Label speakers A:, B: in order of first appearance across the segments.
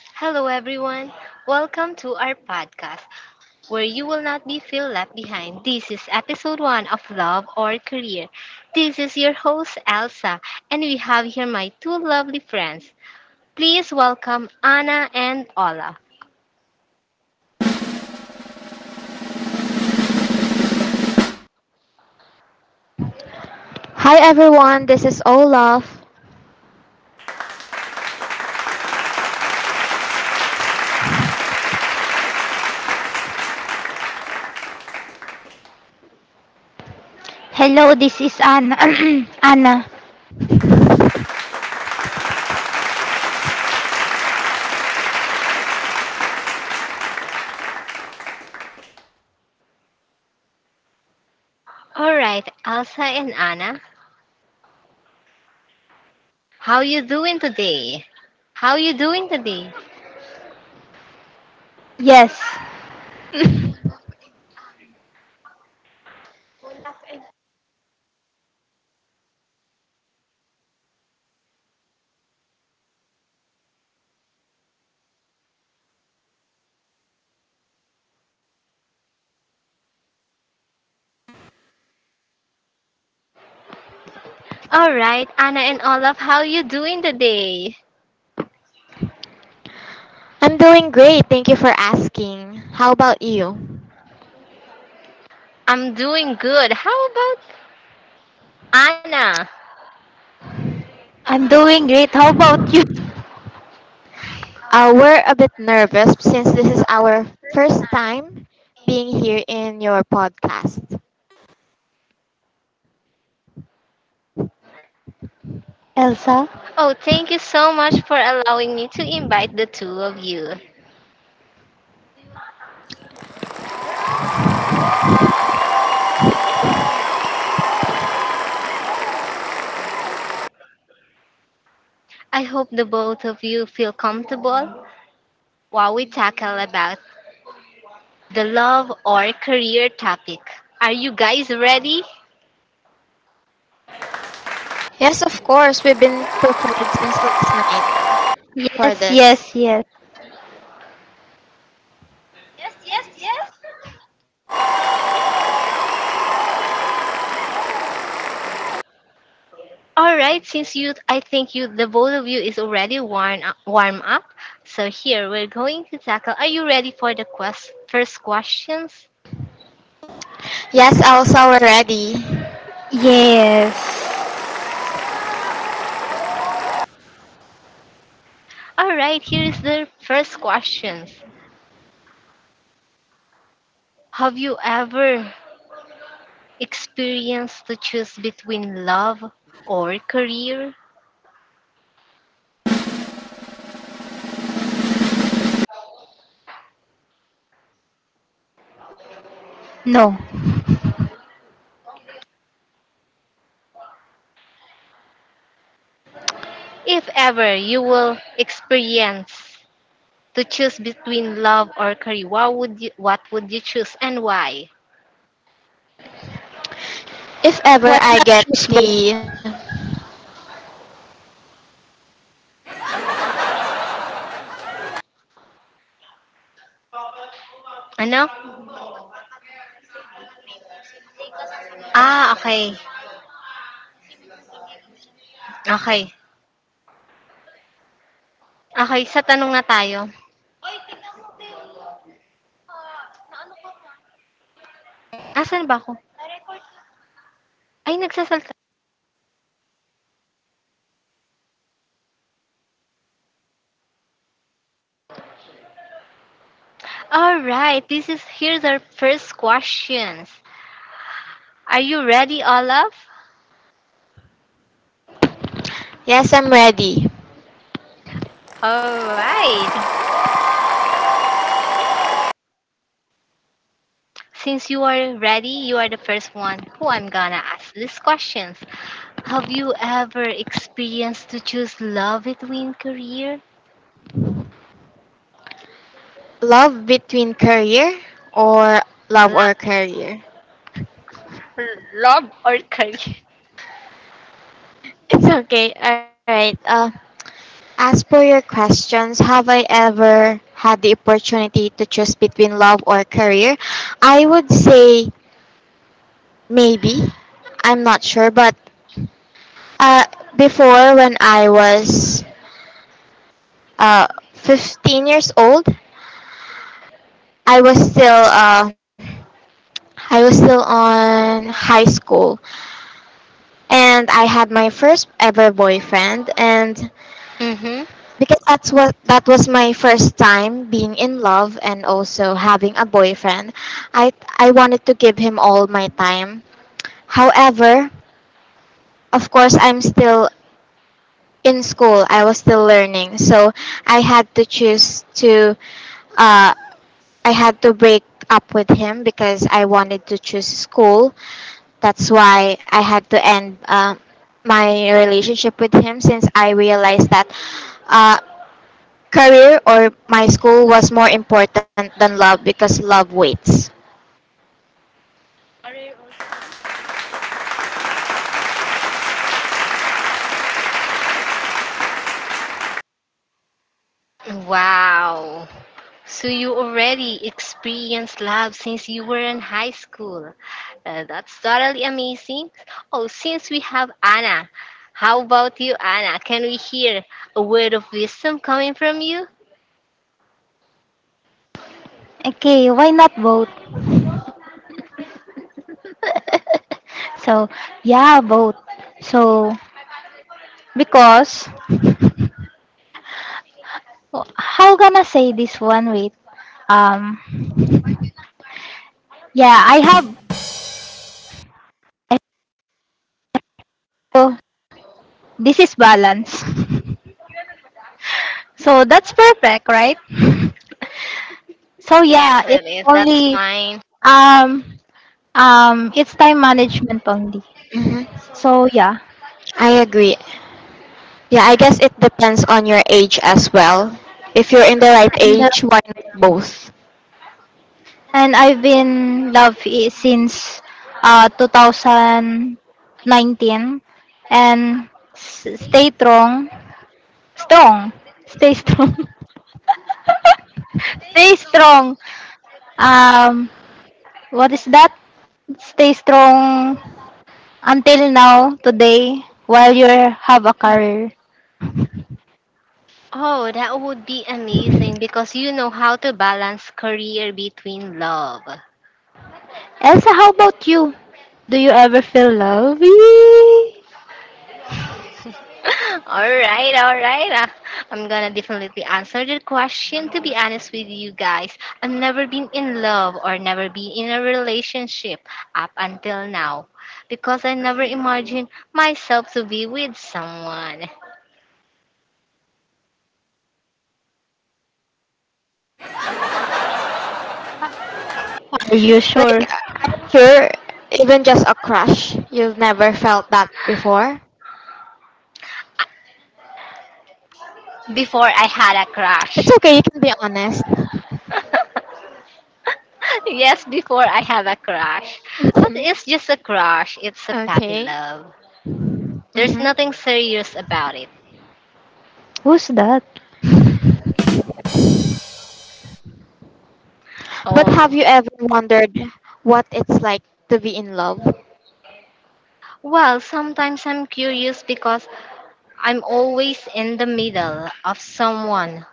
A: Hello, everyone. Welcome to our podcast where you will not be feel left behind. This is episode one of Love or Career. This is your host, Elsa, and we have here my two lovely friends. Please welcome Anna and Ola.
B: Hi everyone, this is Olaf.
C: Hello, this is Anna. Anna.
A: All right, Elsa and Anna, how you doing today? How you doing today?
C: Yes,
A: All right, Anna and Olaf, how you doing today?
B: I'm doing great, thank you for asking. How about you?
A: I'm doing good. How about Anna?
C: I'm doing great. How about you?
B: We're a bit nervous since this is our first time being here in your podcast.
C: Elsa?
A: Oh, thank you so much for allowing me to invite the two of you. I hope the both of you feel comfortable while we tackle about the love or career topic. Are you guys ready?
B: Yes, of course, we've been prepared since last night for
C: Yes,
B: this.
C: yes, yes.
A: All right, since you I think you the both of you is already warm up. So here we're going to tackle. Are you ready for the first questions?
B: Yes, also we're ready.
C: Yes.
A: All right, here is the first questions. Have you ever experience to choose between love or career.
C: No.
A: If ever you will experience to choose between love or career, what would you choose and why?
B: If ever
C: Why
B: I
C: not
B: get
C: choose both?
B: the
A: Ano? Ah, okay. Okay. Okay, sa tanong na tayo. Asan ba ako? Ay, nagsasalta. All right, this is here's our first questions. Are you ready, Olaf?
B: yes, I'm ready.
A: All right. Since you are ready, you are the first one who I'm gonna ask these questions. Have you ever experienced to choose love between career?
B: Love between career or love or career?
A: Love or career?
B: It's okay, alright. As for your questions, have I ever had the opportunity to choose between love or career? I would say maybe. I'm not sure, but uh, before when I was 15 years old, I was still uh, I was still on high school, and I had my first ever boyfriend, and
A: Mm-hmm.
B: because that was my first time being in love and also having a boyfriend. I I wanted to give him all my time. However, of course I'm still in school. I was still learning. So I had to choose to uh I had to break up with him because I wanted to choose school. That's why I had to end my relationship with him since I realized that uh, career or my school was more important than love because love waits.
A: Wow. So you already experienced love since you were in high school. That's totally amazing. Oh, since we have Anna, how about you, Anna? Can we hear a word of wisdom coming from you?
C: Okay, why not both? So, yeah, both. So, because how gonna say this one? Wait. Um. Yeah, I have. So, this is balance. So that's perfect, right? So
A: Yes,
C: yeah,
A: it
C: it's
A: is. That's
C: only
A: fine.
C: um it's time management only.
B: Mhm.
C: So yeah,
B: I agree. Yeah, I guess it depends on your age as well. If you're in the right
C: and uh,
B: age, why not both?
C: and I've been love it since 2019 and stay strong, strong, stay strong, stay strong. Um, what is that? Stay strong until now today while you have a career.
A: Oh, that would be amazing because you know how to balance career between love.
C: Elsa, how about you? Do you ever feel lovey?
A: All right, all right. I'm gonna definitely answer the question. To be honest with you guys, I've never been in love or never been in a relationship up until now because I never imagined myself to be with someone
C: Are you sure?
B: Like, sure, even just a crush, you've never felt that before.
A: before I
B: It's
A: had a
B: okay, you can be
A: crush.
B: honest.
A: Yes, before I have a crush.
B: Mhm.
A: But it's just a crush, it's
B: Okay.
A: a puppy love.
B: hmm
A: There's nothing serious about it.
C: Who's that?
B: But have you
A: Oh,
B: ever wondered what it's like to be in love?
A: well, sometimes I'm curious because I'm always in the middle of someone.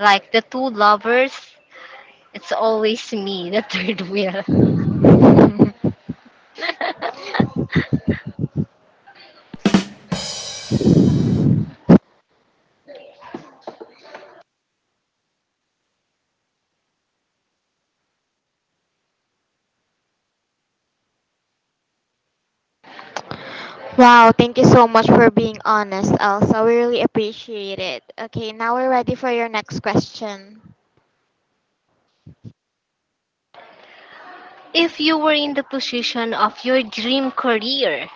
A: Like the two lovers, it's always me, the third wheel.
B: Wow, thank you so much for being honest, Elsa. We really appreciate it. Okay, now we're ready for your next question.
A: If you were in the position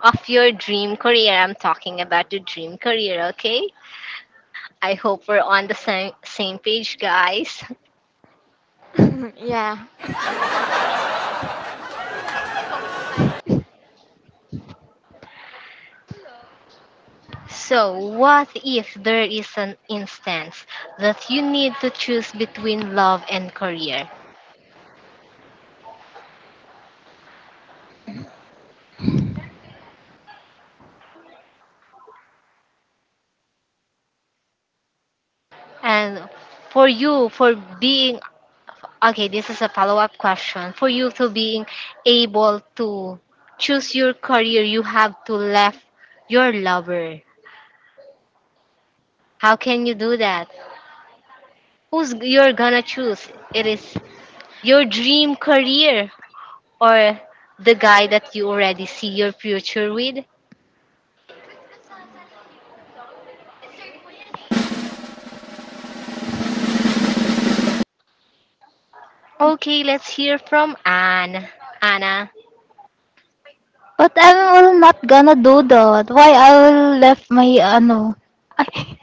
A: of your dream career, I'm talking about your dream career, okay? I hope we're on the same page, guys.
B: yeah.
A: So, what if there is an instance that you need to choose between love and career? And for you, for being Okay, this is a follow up question. For you to being able to choose your career, you have to left your lover. How can you do that? Who's you're gonna choose? It is your dream career or the guy that you already see your future with? Okay, let's hear from Anne. Anna,
C: But I will not gonna do that. Why I will left my ano?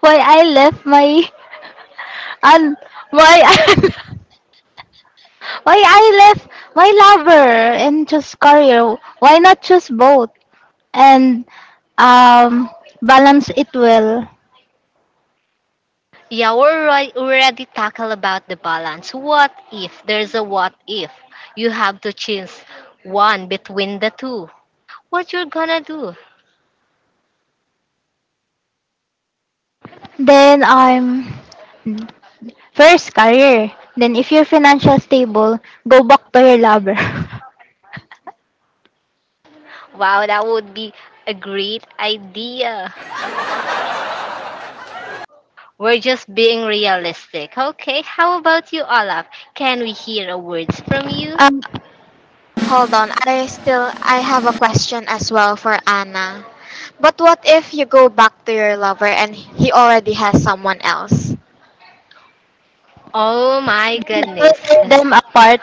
C: Why I left my an? Why I, why I left my lover and choose career? Why not choose both and um balance it well?
A: yeah, we're already tackle about the balance. What if there's a what if? You have to choose one between the two What you're gonna do?
C: Then I'm first career. Then if you're financial stable, go back to your lover.
A: Wow, that would be a great idea. We're just being realistic. Okay, how about you, Olaf? Can we hear a words from you?
B: Um, Hold on. I have a question as well for Anna. But what if you go back to your lover and he already has someone else?
A: Oh my
C: will
A: goodness.
C: tear them apart.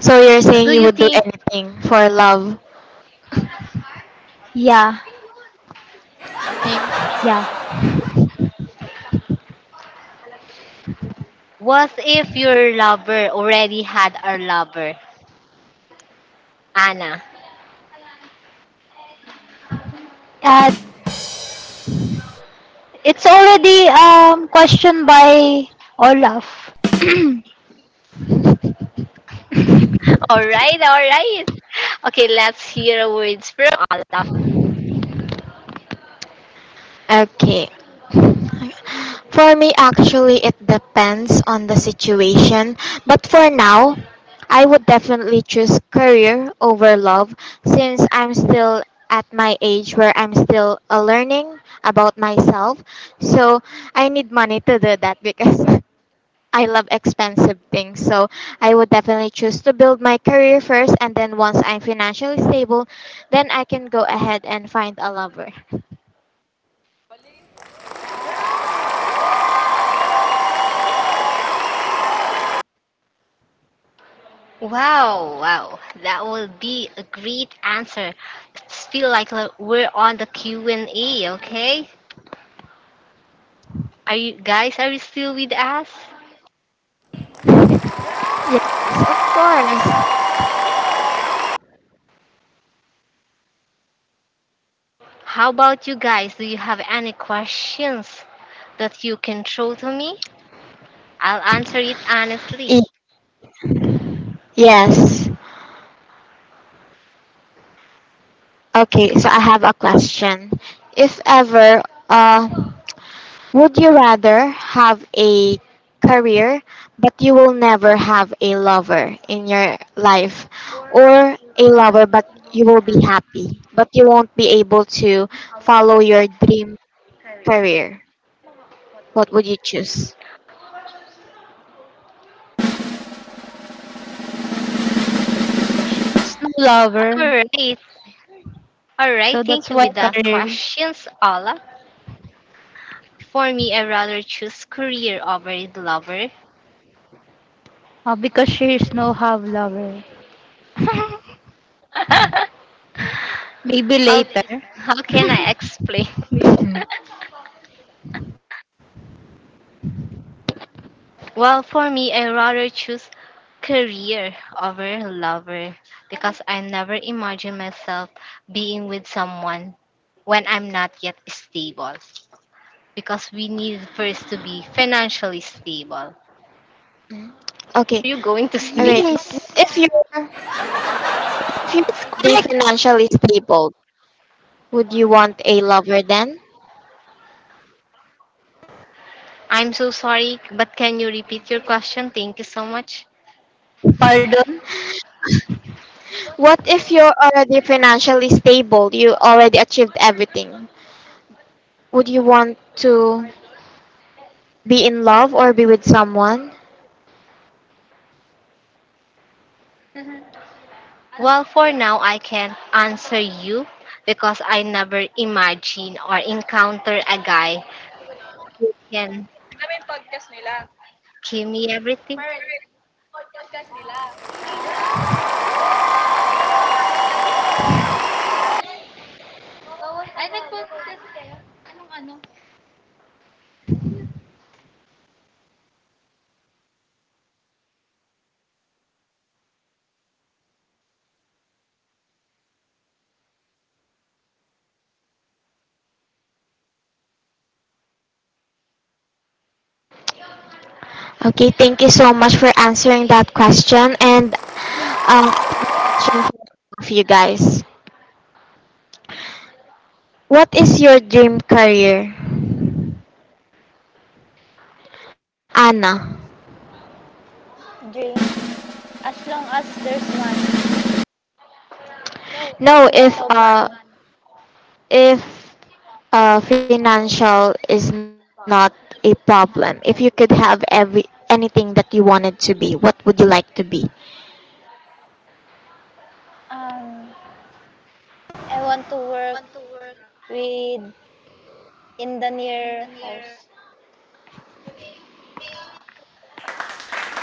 B: so you're saying
A: Do
B: you
A: you
B: would do
A: think
B: anything for love?
C: Yeah,
B: Okay.
C: yeah.
A: What if your lover already had a lover? Anna.
C: And it's already questioned by Olaf.
A: All right, all right. Okay, let's hear a words from Olaf.
B: Okay. For me, actually, it depends on the situation. But for now, I would definitely choose career over love since I'm still at my age where I'm still learning about myself. So I need money to do that because I love expensive things. So I would definitely choose to build my career first and then once I'm financially stable, then I can go ahead and find a lover.
A: Wow, wow. That will be a great answer. It's feel like we're on the Q&A, okay? Are you still with us?
B: Yes, of course.
A: How about you guys? Do you have any questions that you can throw to me? I'll answer it
B: Y-
A: honestly.
B: Yes. Okay, so I have a question. If ever, uh, would you rather have a career but you will never have a lover in your life or a lover but you will be happy but you won't be able to follow your dream career? What would you choose?
C: She's no lover,
A: All right. All
C: so
A: right.
C: that's
A: Thank you
C: why
A: with that
C: Karel.
A: questions, Ola. For me, I rather choose career over lover.
C: Because she's no have lover. Maybe
A: How
C: later.
A: how can I explain this?
B: Mm.
A: Well, for me, I rather choose career over lover because I never imagine myself being with someone when I'm not yet stable because we need first to be financially stable. Are
B: Mm. Okay,
A: you going to
B: all right.
A: sneeze?
B: But
C: Yes.
B: if you're if you're
C: It's
B: already financially
C: correct.
B: stable, would you want a lover then?
A: I'm so sorry, but can you repeat your question? Thank you so much.
C: Pardon.
B: What if you're already financially stable? You already achieved everything. Would you want to be in love or be with someone?
A: Well, for now, I can't answer you because I never imagine or encounter a guy who can Alam mo podcast nila? Give me everything.
B: Okay, thank you so much for answering that question. And I have a question for all of you guys. What is your dream career, Anna? No, if financial is not a problem, if you could have every anything that you wanted to be, what would you like to be?
C: Um, I want to work with in the near house.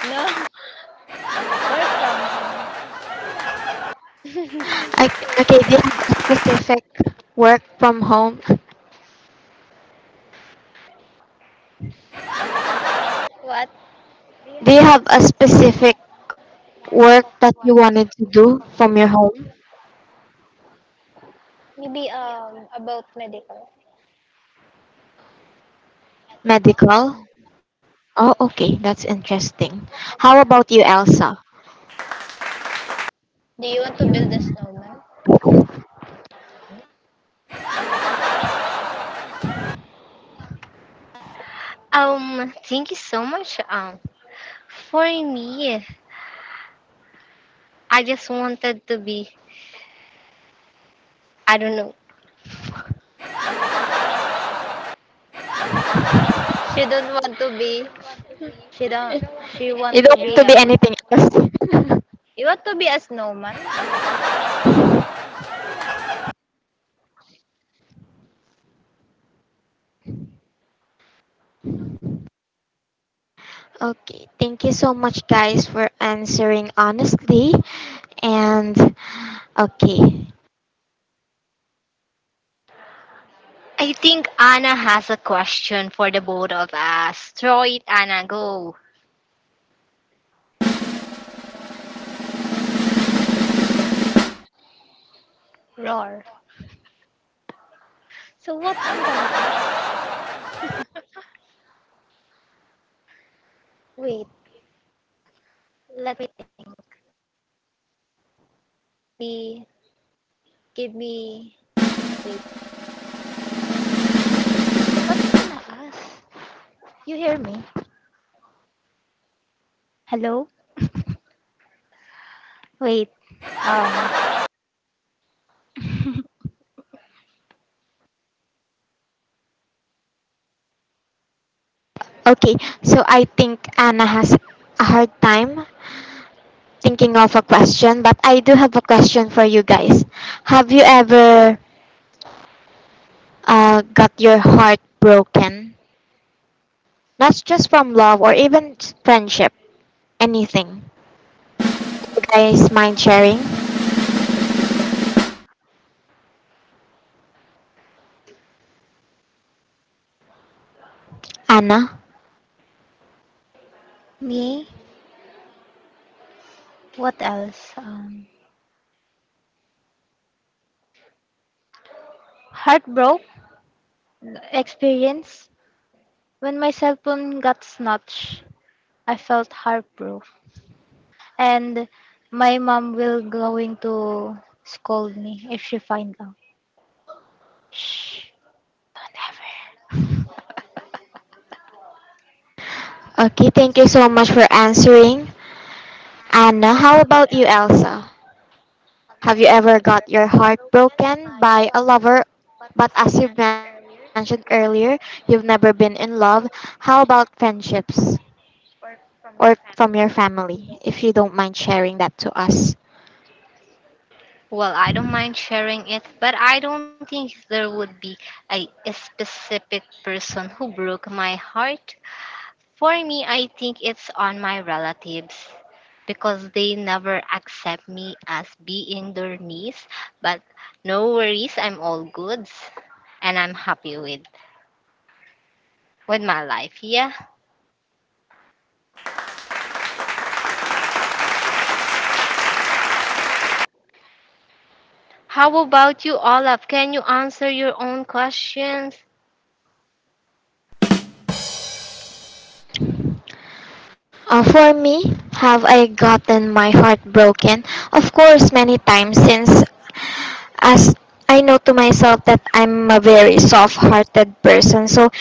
C: No, work from home.
B: I, okay, do you have a specific work from home?
C: What?
B: Do you have a specific work that you wanted to do from your home?
C: Maybe about medical.
B: Medical? Oh, okay, that's interesting. How about you, Elsa?
C: Do you want to build a snowman?
A: Thank you so much. For me, I just wanted to be, I don't know.
C: She don't
B: You
C: want
B: don't
C: to be.
B: want
C: She don't. She
B: to
C: want
B: be
C: to be
B: anything
C: a.
B: else.
C: You want to be a snowman?
B: okay, thank you so much, guys, for answering honestly. And okay,
A: I think Anna has a question for the both of us. Throw it, Anna, go.
C: Roar. So what I'm gonna ask? Wait. Let me think. Be. Give me. Wait. What I'm gonna ask? You hear me? Hello. Wait. Um.
B: okay, so I think Anna has a hard time thinking of a question, but I do have a question for you guys. Have you ever got your heart broken? Not just from love or even friendship, anything. You guys mind sharing? Anna?
C: me. What else? Heartbroken experience. When my cell phone got snatched, I felt heartbroken. And my mom will going to scold me if she find out. Shh, don't ever.
B: Okay, thank you so much for answering. Anna, how about you, Elsa? Have you ever got your heart broken by a lover? But as you mentioned earlier, you've never been in love. How about friendships? Or from your family, if you don't mind sharing that to us.
A: Well, I don't mind sharing it, but I don't think there would be a specific person who broke my heart. For me, I think it's on my relatives because they never accept me as being their niece. But no worries, I'm all good and I'm happy with my life. Yeah. How about you, Olaf? Can you answer your own questions?
B: For me, have I gotten my heart broken? Of course, many times since as I know to myself that I'm a very soft-hearted person. So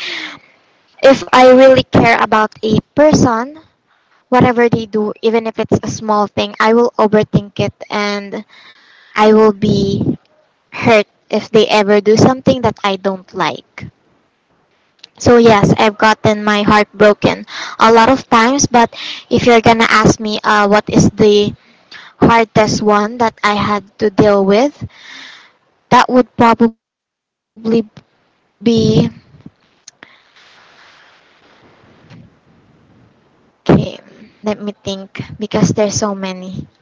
B: if I really care about a person, whatever they do, even if it's a small thing, I will overthink it and I will be hurt if they ever do something that I don't like. So yes, I've gotten my heart broken a lot of times, but if you're gonna ask me what is the hardest one that I had to deal with, that would probably be okay. Let me think because there's so many.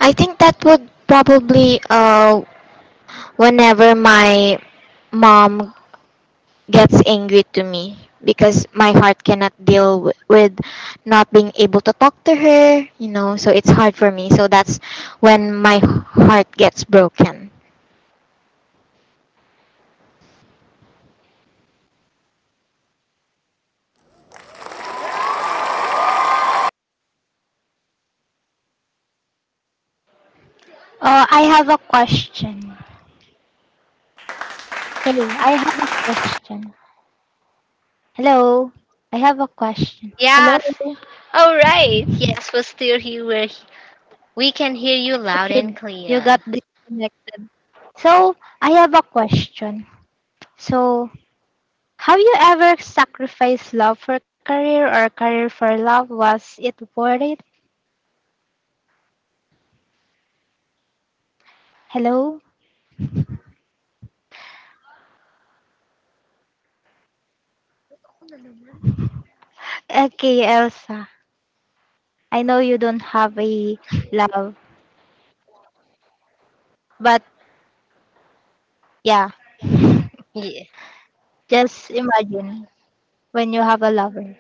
B: I think that would probably whenever my mom gets angry to me because my heart cannot deal with not being able to talk to her, you know, so it's hard for me. So that's when my heart gets broken.
C: Oh, I have a question. Hey, I have a question. Hello, I have a question. Hello,
A: Yes.
C: I
A: All right. Yes, we're still here. We can hear you
C: thought
A: loud and
C: you you got
A: clear.
C: disconnected. So I have a question. So have you ever sacrificed love for career or career for love? Was it worth it? Hello. Okay, Elsa. I know you don't have a love, but yeah,
A: Yeah.
C: just imagine when you have a lover.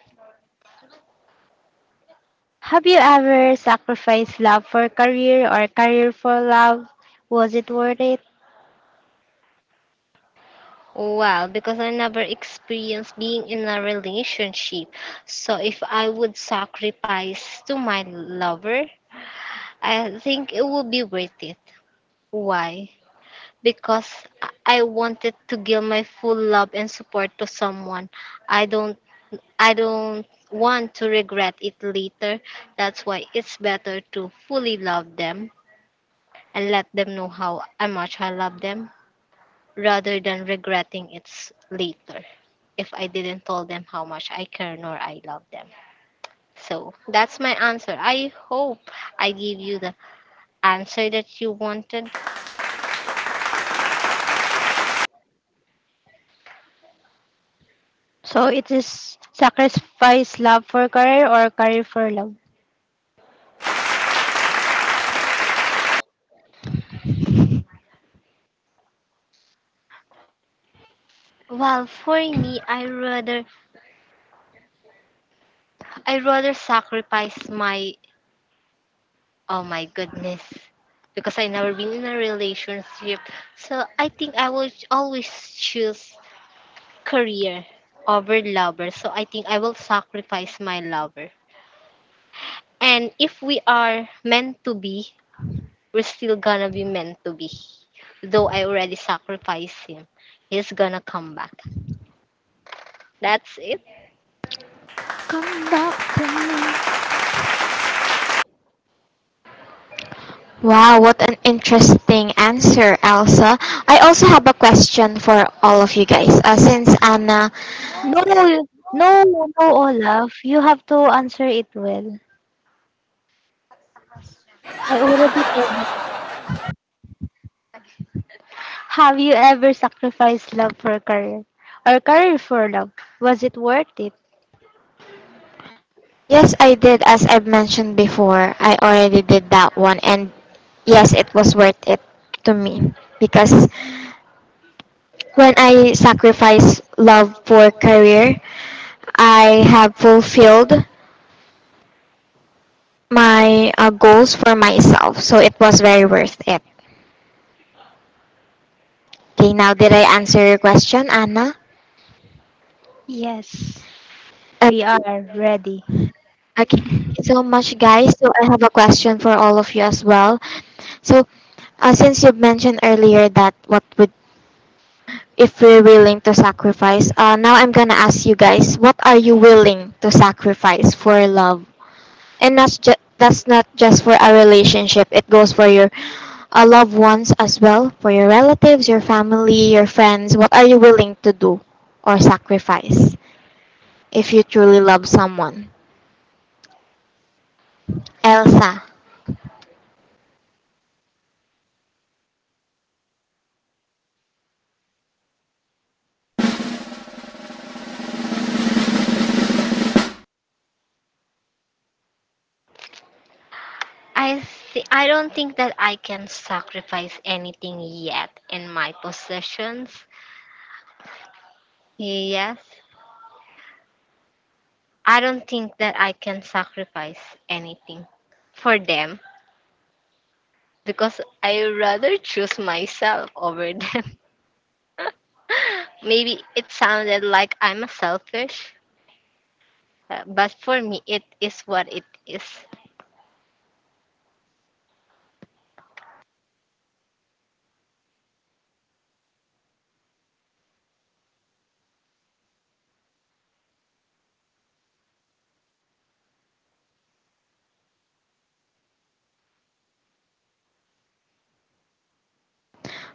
C: Have you ever sacrificed love for career or career for love? Was it worth it?
A: Well, because I never experienced being in a relationship. So if I would sacrifice to my lover, I think it would be worth it. Why? Because I wanted to give my full love and support to someone. I don't I don't want to regret it later. That's why it's better to fully love them and let them know how much I love them rather than regretting it later. If I didn't tell them how much I care nor I love them. So that's my answer. I hope I give you the answer that you wanted.
C: So it is sacrifice love for career or career for love.
A: Well, for me, I rather sacrifice my oh my goodness because I never been in a relationship. So I think I will always choose career over lover. So I think I will sacrifice my lover. And if we are meant to be, we're still gonna be meant to be. Though I already sacrificed him, he's gonna come back. That's it.
C: Come back to me.
B: Wow, what an interesting answer, Elsa. I also have a question for all of you guys.
C: No, no, no, Olaf. You have to answer it well. I already told. Have you ever sacrificed love for career or career for love? Was it worth it?
B: Yes, I did, as I've mentioned before, I already did that one, and yes, it was worth it to me because when I sacrifice love for career, I have fulfilled my goals for myself. So it was very worth it. Okay, now did I answer your question, Anna?
C: Yes,
B: Okay,
C: we are ready.
B: okay. Thank you so much, guys. So I have a question for all of you as well. So since you mentioned earlier that what would if we're willing to sacrifice, now I'm gonna ask you guys, what are you willing to sacrifice for love? And that's not just for a relationship. It goes for your loved ones as well, for your relatives, your family, your friends. What are you willing to do or sacrifice if you truly love someone? Elsa.
A: I I don't think that I can sacrifice anything yet in my possessions. Yes, I don't think that I can sacrifice anything for them because I rather choose myself over them. Maybe it sounded like I'm a selfish, but for me, it is what it is.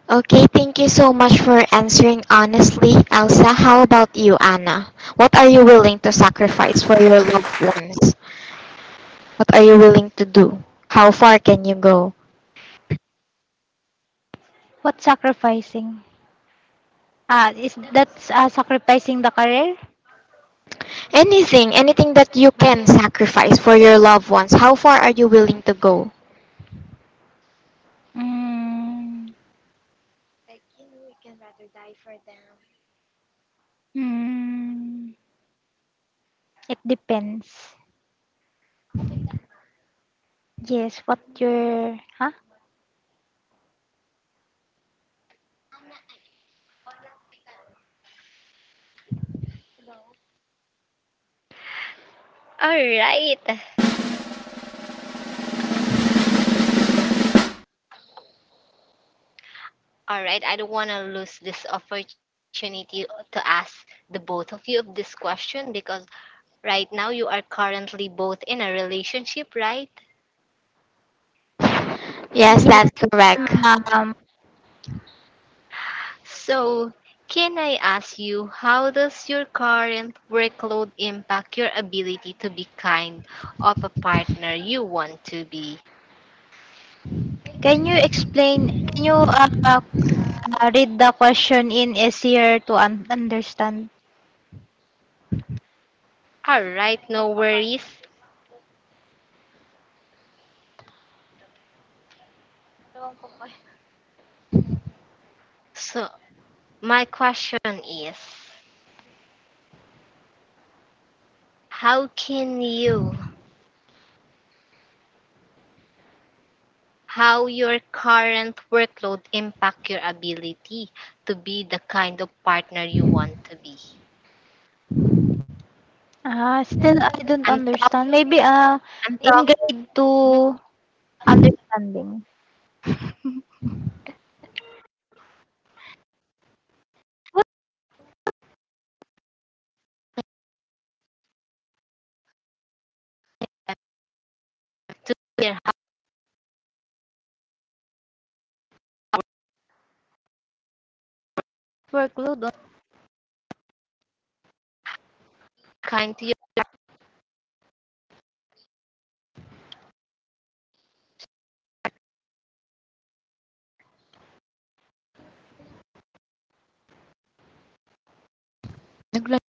B: Okay, thank you so much for answering honestly, Elsa. How about you, Anna? What are you willing to sacrifice for your loved ones? What are you willing to do? How far can you go?
C: What sacrificing? Ah, is that sacrificing the career?
B: Anything, anything that you
C: Ah.
B: can sacrifice for your loved ones. How far are you willing to go?
C: Mm, mm, it depends. Yes, what your huh?
A: All right. All right, I don't want to lose this opportunity to ask the both of you of this question because right now you are currently both in a relationship, right?
B: Yes, that's
C: Yes,
B: correct.
C: ma'am.
A: So, can I ask you, how does your current workload impact your ability to be kind of a partner you want to be?
C: Can you explain? Can you read the question in easier to understand?
A: All right, no worries. So, my question is, how can you how your current workload impact your ability to be the kind of partner you want to be.
C: Ah, still I don't
A: I'm talk
C: understand. Maybe,
A: I'm
C: in
A: talking
C: grade
A: mhm,
C: 2 understanding. What
A: to hear how
C: workload on
A: kind to you.
B: Nagla-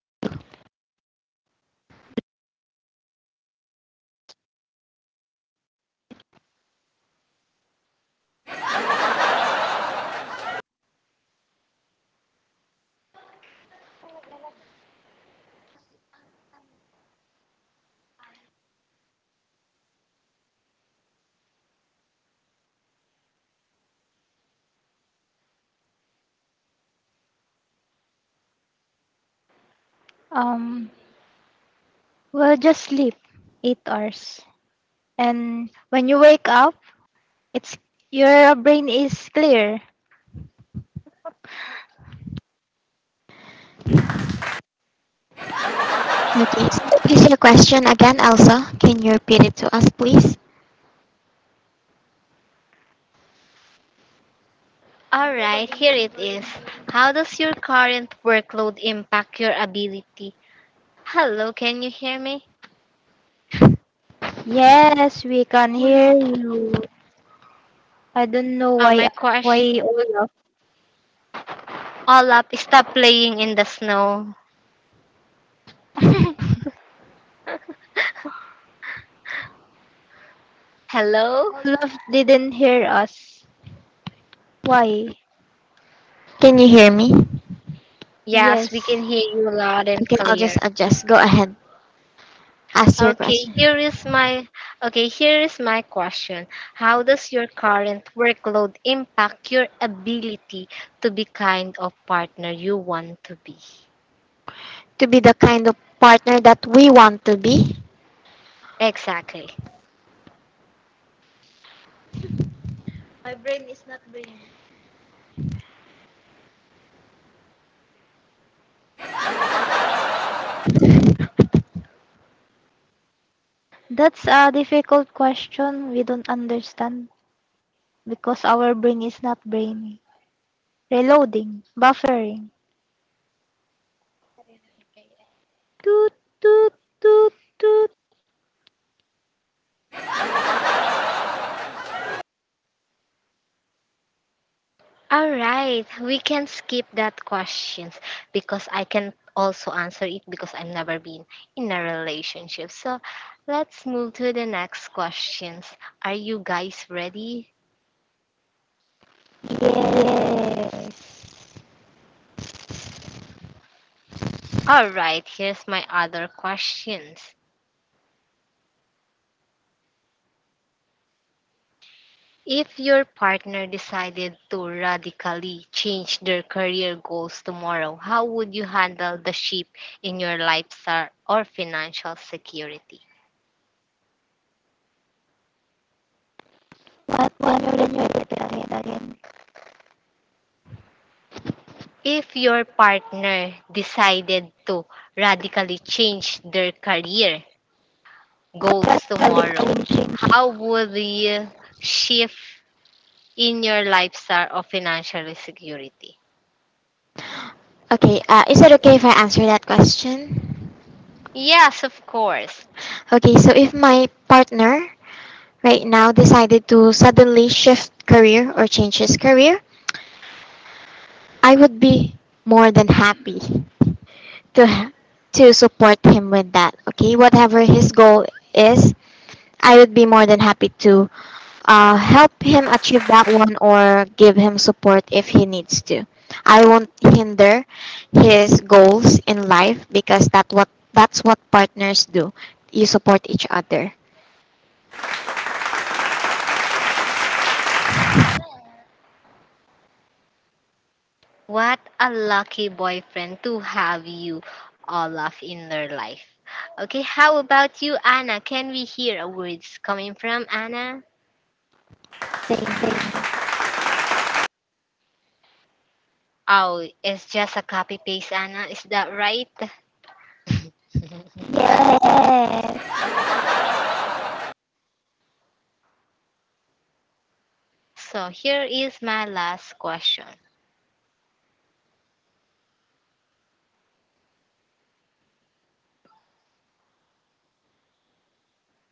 C: um, well, just sleep 8 hours. And when you wake up, it's your brain is clear.
B: Okay, so what is your question again, Elsa? Can you repeat it to us, please?
A: All right, here it is. How does your current workload impact your ability? Hello, can you hear me?
C: Yes, we can hear you. I don't know
A: Oh my
C: why
A: question.
C: Olaf
A: All up, stop playing in the snow. Hello?
C: Olaf didn't hear us. Why?
B: Can you hear me?
A: Yes,
C: Yes.
A: we can hear you loud and
B: Okay, I'll
A: clear.
B: just adjust. Go ahead. Ask your
A: Okay,
B: question.
A: here is my okay, here is my question. How does your current workload impact your ability to be kind of partner you want to be?
B: To be the kind of partner that we want to be.
A: Exactly.
C: That's a difficult question. We don't understand because our brain is not brainy. Reloading. Buffering. Toot, toot, toot, toot.
A: All right, we can skip that questions because I can also answer it because I've never been in a relationship. So, let's move to the next questions. Are you guys ready?
C: Yes.
A: All right, here's my other questions. If your partner decided to radically change their career goals tomorrow, how would you handle the shift in your lifestyle or financial security?
C: What one or then you repeat again, again.
A: If your partner decided to radically change their career goals tomorrow,
C: Practically changing.
A: how would you shift in your lifestyle or financial security?
B: Okay, is it okay if I answer that question?
A: Yes, of course.
B: Okay, so if my partner right now decided to suddenly shift career or change his career, I would be more than happy to ha- to support him with that. Okay, whatever his goal is, I would be more than happy to help him achieve that one or give him support if he needs to. I won't hinder his goals in life because that's what partners do. You support each other.
A: What a lucky boyfriend to have you, Olaf, in their life. Okay, how about you, Anna? Can we hear a words coming from Anna?
C: Same, same.
A: Oh, it's just a copy paste, Anna. Is that right?
C: Yes.
A: So here is my last question.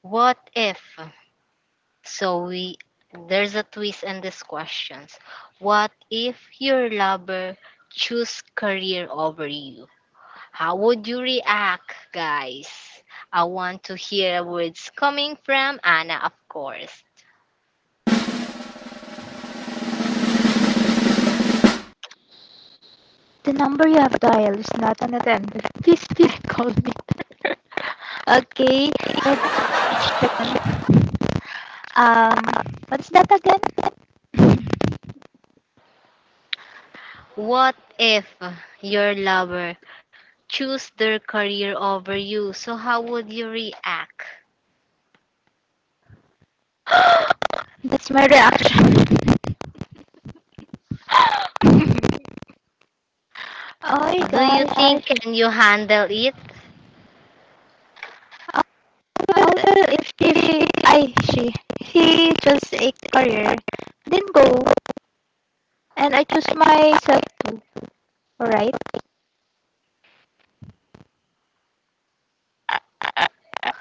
A: What if? So we There's a twist in these questions. What if your lover choose career over you? How would you react, guys? I want to hear words coming from Anna, of course.
C: The number you have dialed is not an attendant. Please, please call me. okay. For this question, um, what's that again?
A: What if your lover choose their career over you? So how would you react?
C: That's my reaction. oh my
A: Do you think
C: gosh.
A: Can you handle it?
C: However, if she, I, she, he chose a career, then go, and I choose myself too. Alright?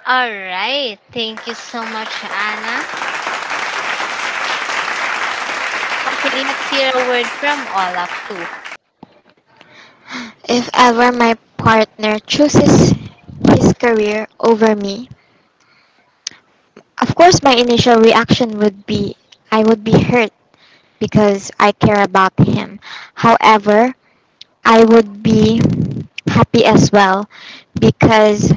A: All right. Thank you so much, Anna. Okay, let's hear a word from Olaf too.
B: If ever my partner chooses his career over me, of course, my initial reaction would be I would be hurt because I care about him. However, I would be happy as well because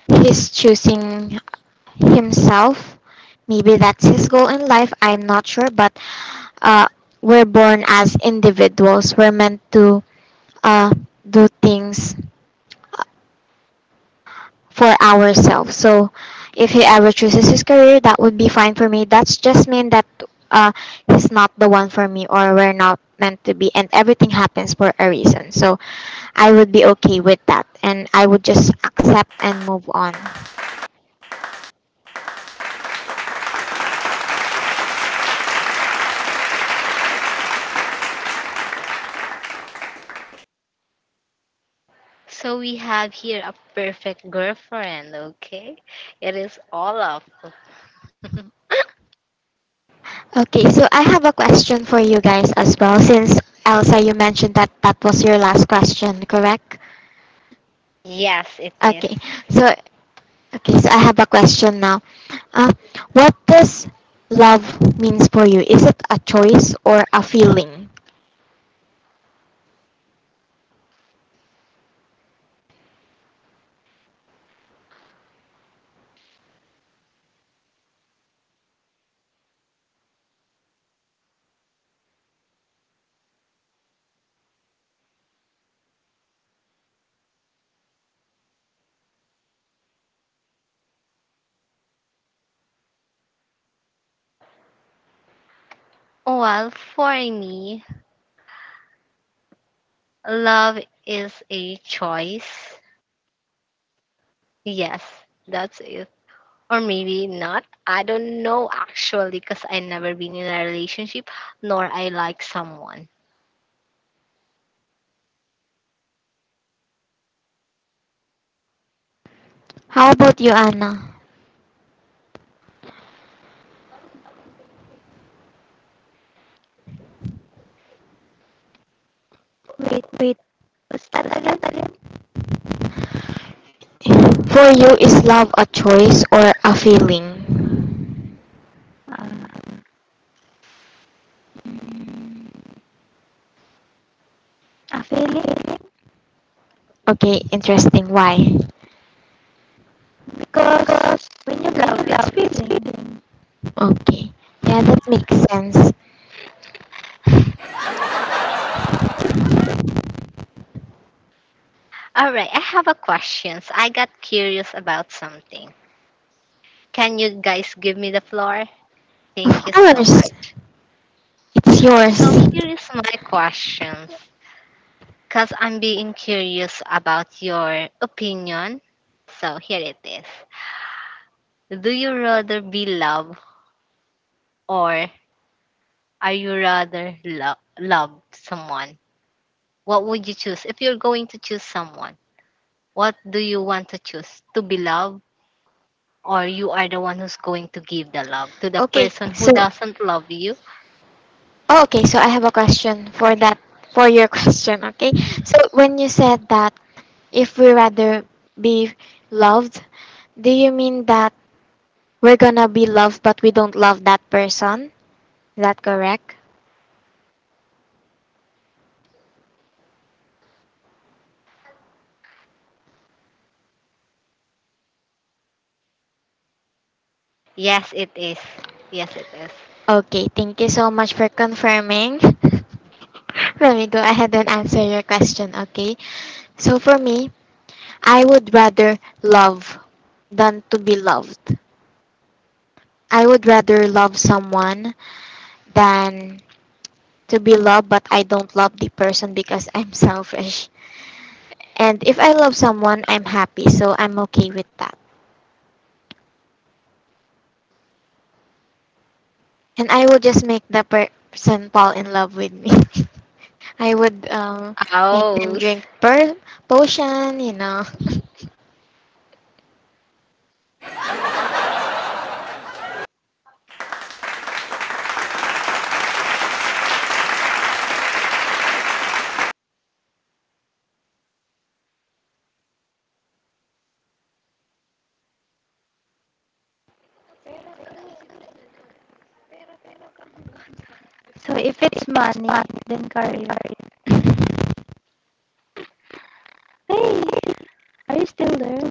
B: he's choosing himself. Maybe that's his goal in life. I'm not sure, but uh, we're born as individuals. We're meant to uh, do things for ourselves. So if he ever chooses his career, that would be fine for me. That's just mean that uh, he's not the one for me or we're not meant to be and everything happens for a reason. So I would be okay with that and I would just accept and move on.
A: So we have here a perfect girlfriend, okay? It is Olaf.
B: Okay, so I have a question for you guys as well since Elsa you mentioned that that was your last question, correct?
A: Yes, it is.
B: Okay. So okay, so I have a question now. Uh, what does love means for you? Is it a choice or a feeling?
A: Well, for me, love is a choice. Yes, that's it. Or maybe not. I don't know actually because I never been in a relationship nor I like someone.
B: How about you, Anna?
C: Wait, wait. What's that again? Again?
B: For you, is love a choice or a feeling?
C: Uh, a feeling?
B: Okay, interesting. Why?
C: Because when you love, it's feeling.
B: Okay. Yeah, that makes sense.
A: All right, I have a questions. I got curious about something. Can you guys give me the floor?
B: Of
A: Thank you so
B: course,
A: much.
B: it's
A: So
B: yours.
A: here is my questions because I'm being curious about your opinion. So here it is. Do you rather be loved or are you rather love someone? What would you choose? If you're going to choose someone, what do you want to choose? To be loved, or you are the one who's going to give the love to the
B: Okay,
A: person who
B: so
A: doesn't love you?
B: oh, okay, so I have a question for that
A: Okay.
B: for your question, okay? So when you said that if we rather be loved, do you mean that we're gonna be loved but we don't love that person? Is that correct?
A: Yes, it is. Yes, it is.
B: Okay, thank you so much for confirming. Let me go ahead and answer your question, okay? So for me, I would rather love than to be loved. I would rather love someone than to be loved, but I don't love the person because I'm selfish. And if I love someone, I'm happy, so I'm okay with that. And I will just make the person fall in love with me. I would make them
A: Oh,
B: potion, you know.
C: So if it's money, then career. Hey, are you still there?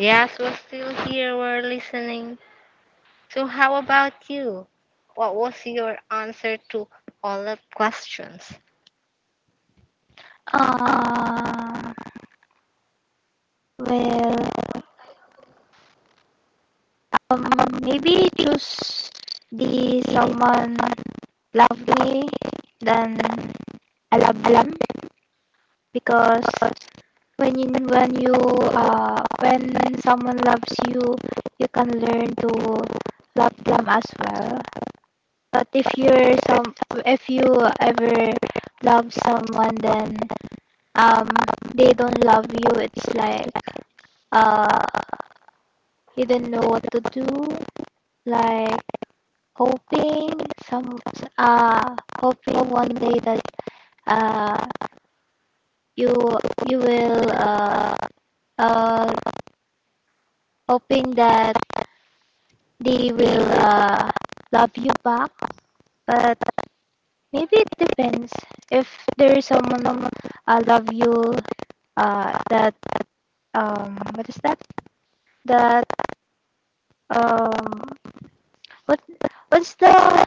A: yes, we're still here. We're listening. So, how about you? What was your answer to all the questions?
C: Uh, well, um, maybe choose the someone lovely than I love them because when you when someone loves you you can learn to love them as well but if you're some if you ever love someone then um they don't love you it's like uh you don't know what to do like hoping some uh hoping one day that uh you you will uh, hoping that they will love you back but maybe it depends if there is someone love you that what is that that um what what's the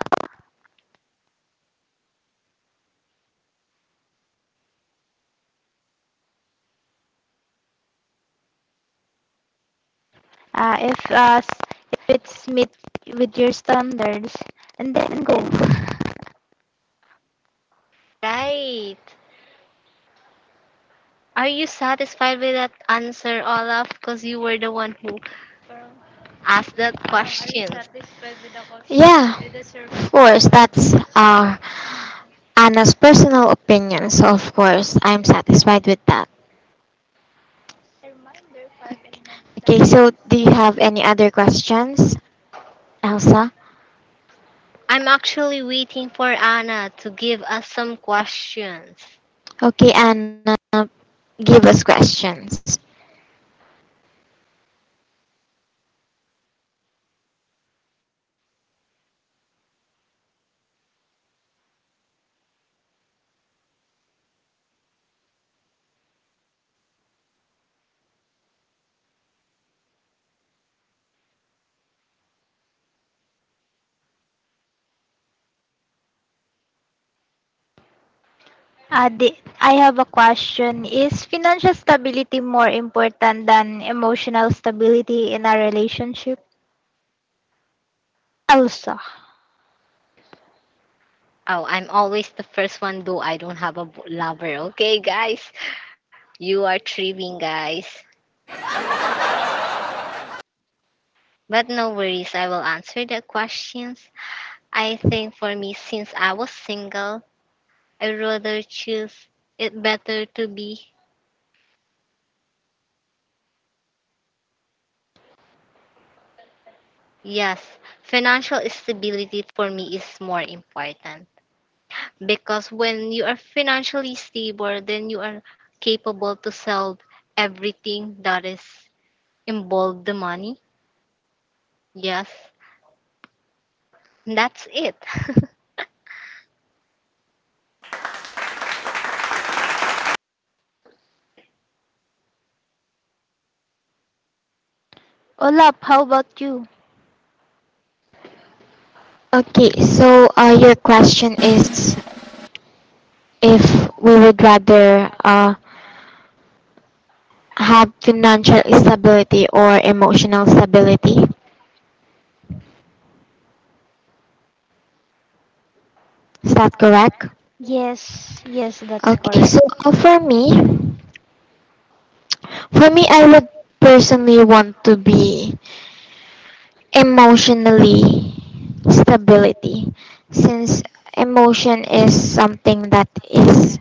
C: uh, if uh, s- if it's meet with your standards and then go.
A: Right. Are you satisfied with that answer, Olaf? Because you were the one who asked that questions.
B: Yeah, consumption? Of course, that's Anna's personal opinion. So, of course, I'm satisfied with that. Okay, so do you have any other questions, Elsa?
A: I'm actually waiting for Anna to give us some questions.
B: Okay, Anna, give us questions.
C: I have a question. Is financial stability more important than emotional stability in a relationship? Elsa.
A: Oh, I'm always the first one, though I don't have a lover. Okay, guys, you are tripping, guys. But no worries, I will answer the questions. I think for me, since I was single, I rather choose it better to be. Yes, financial stability for me is more important. Because when you are financially stable, then you are capable to sell everything that is involved the money. Yes, that's it.
C: Olap, how about you?
B: Your question is if we would rather have financial stability or emotional stability. Is that correct?
C: Yes, yes, that's correct.
B: For me, I would personally want to be emotionally stability, since emotion is something that is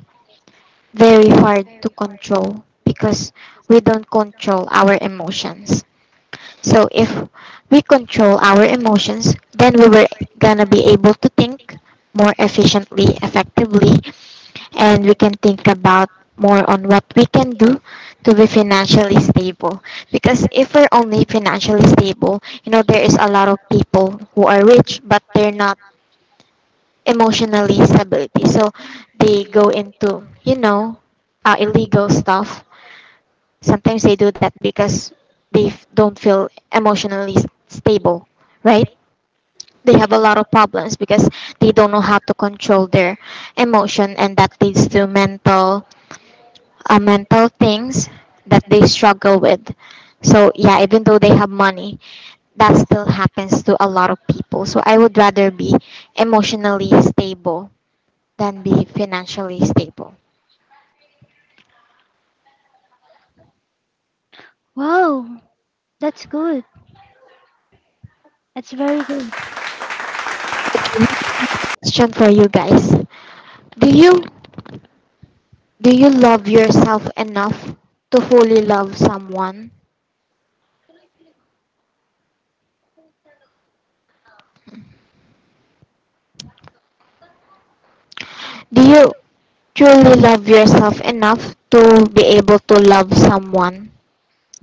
B: very hard to control because we don't control our emotions. So if we control our emotions, then we were gonna be able to think more efficiently, effectively, and we can think about more on what we can do to be financially stable. Because if we're only financially stable, there is a lot of people who are rich but they're not emotionally stability. So they go into, illegal stuff. Sometimes they do that because don't feel emotionally stable, right? They have a lot of problems because they don't know how to control their emotion, and that leads to mental mental things that they struggle with. So yeah, even though they have money, that still happens to a lot of people. So I would rather be emotionally stable than be financially stable.
C: Wow, that's good. That's very good.
B: Okay, next question for you guys. Do you Do you love yourself enough to fully love someone? Do you truly love yourself enough to be able to love someone,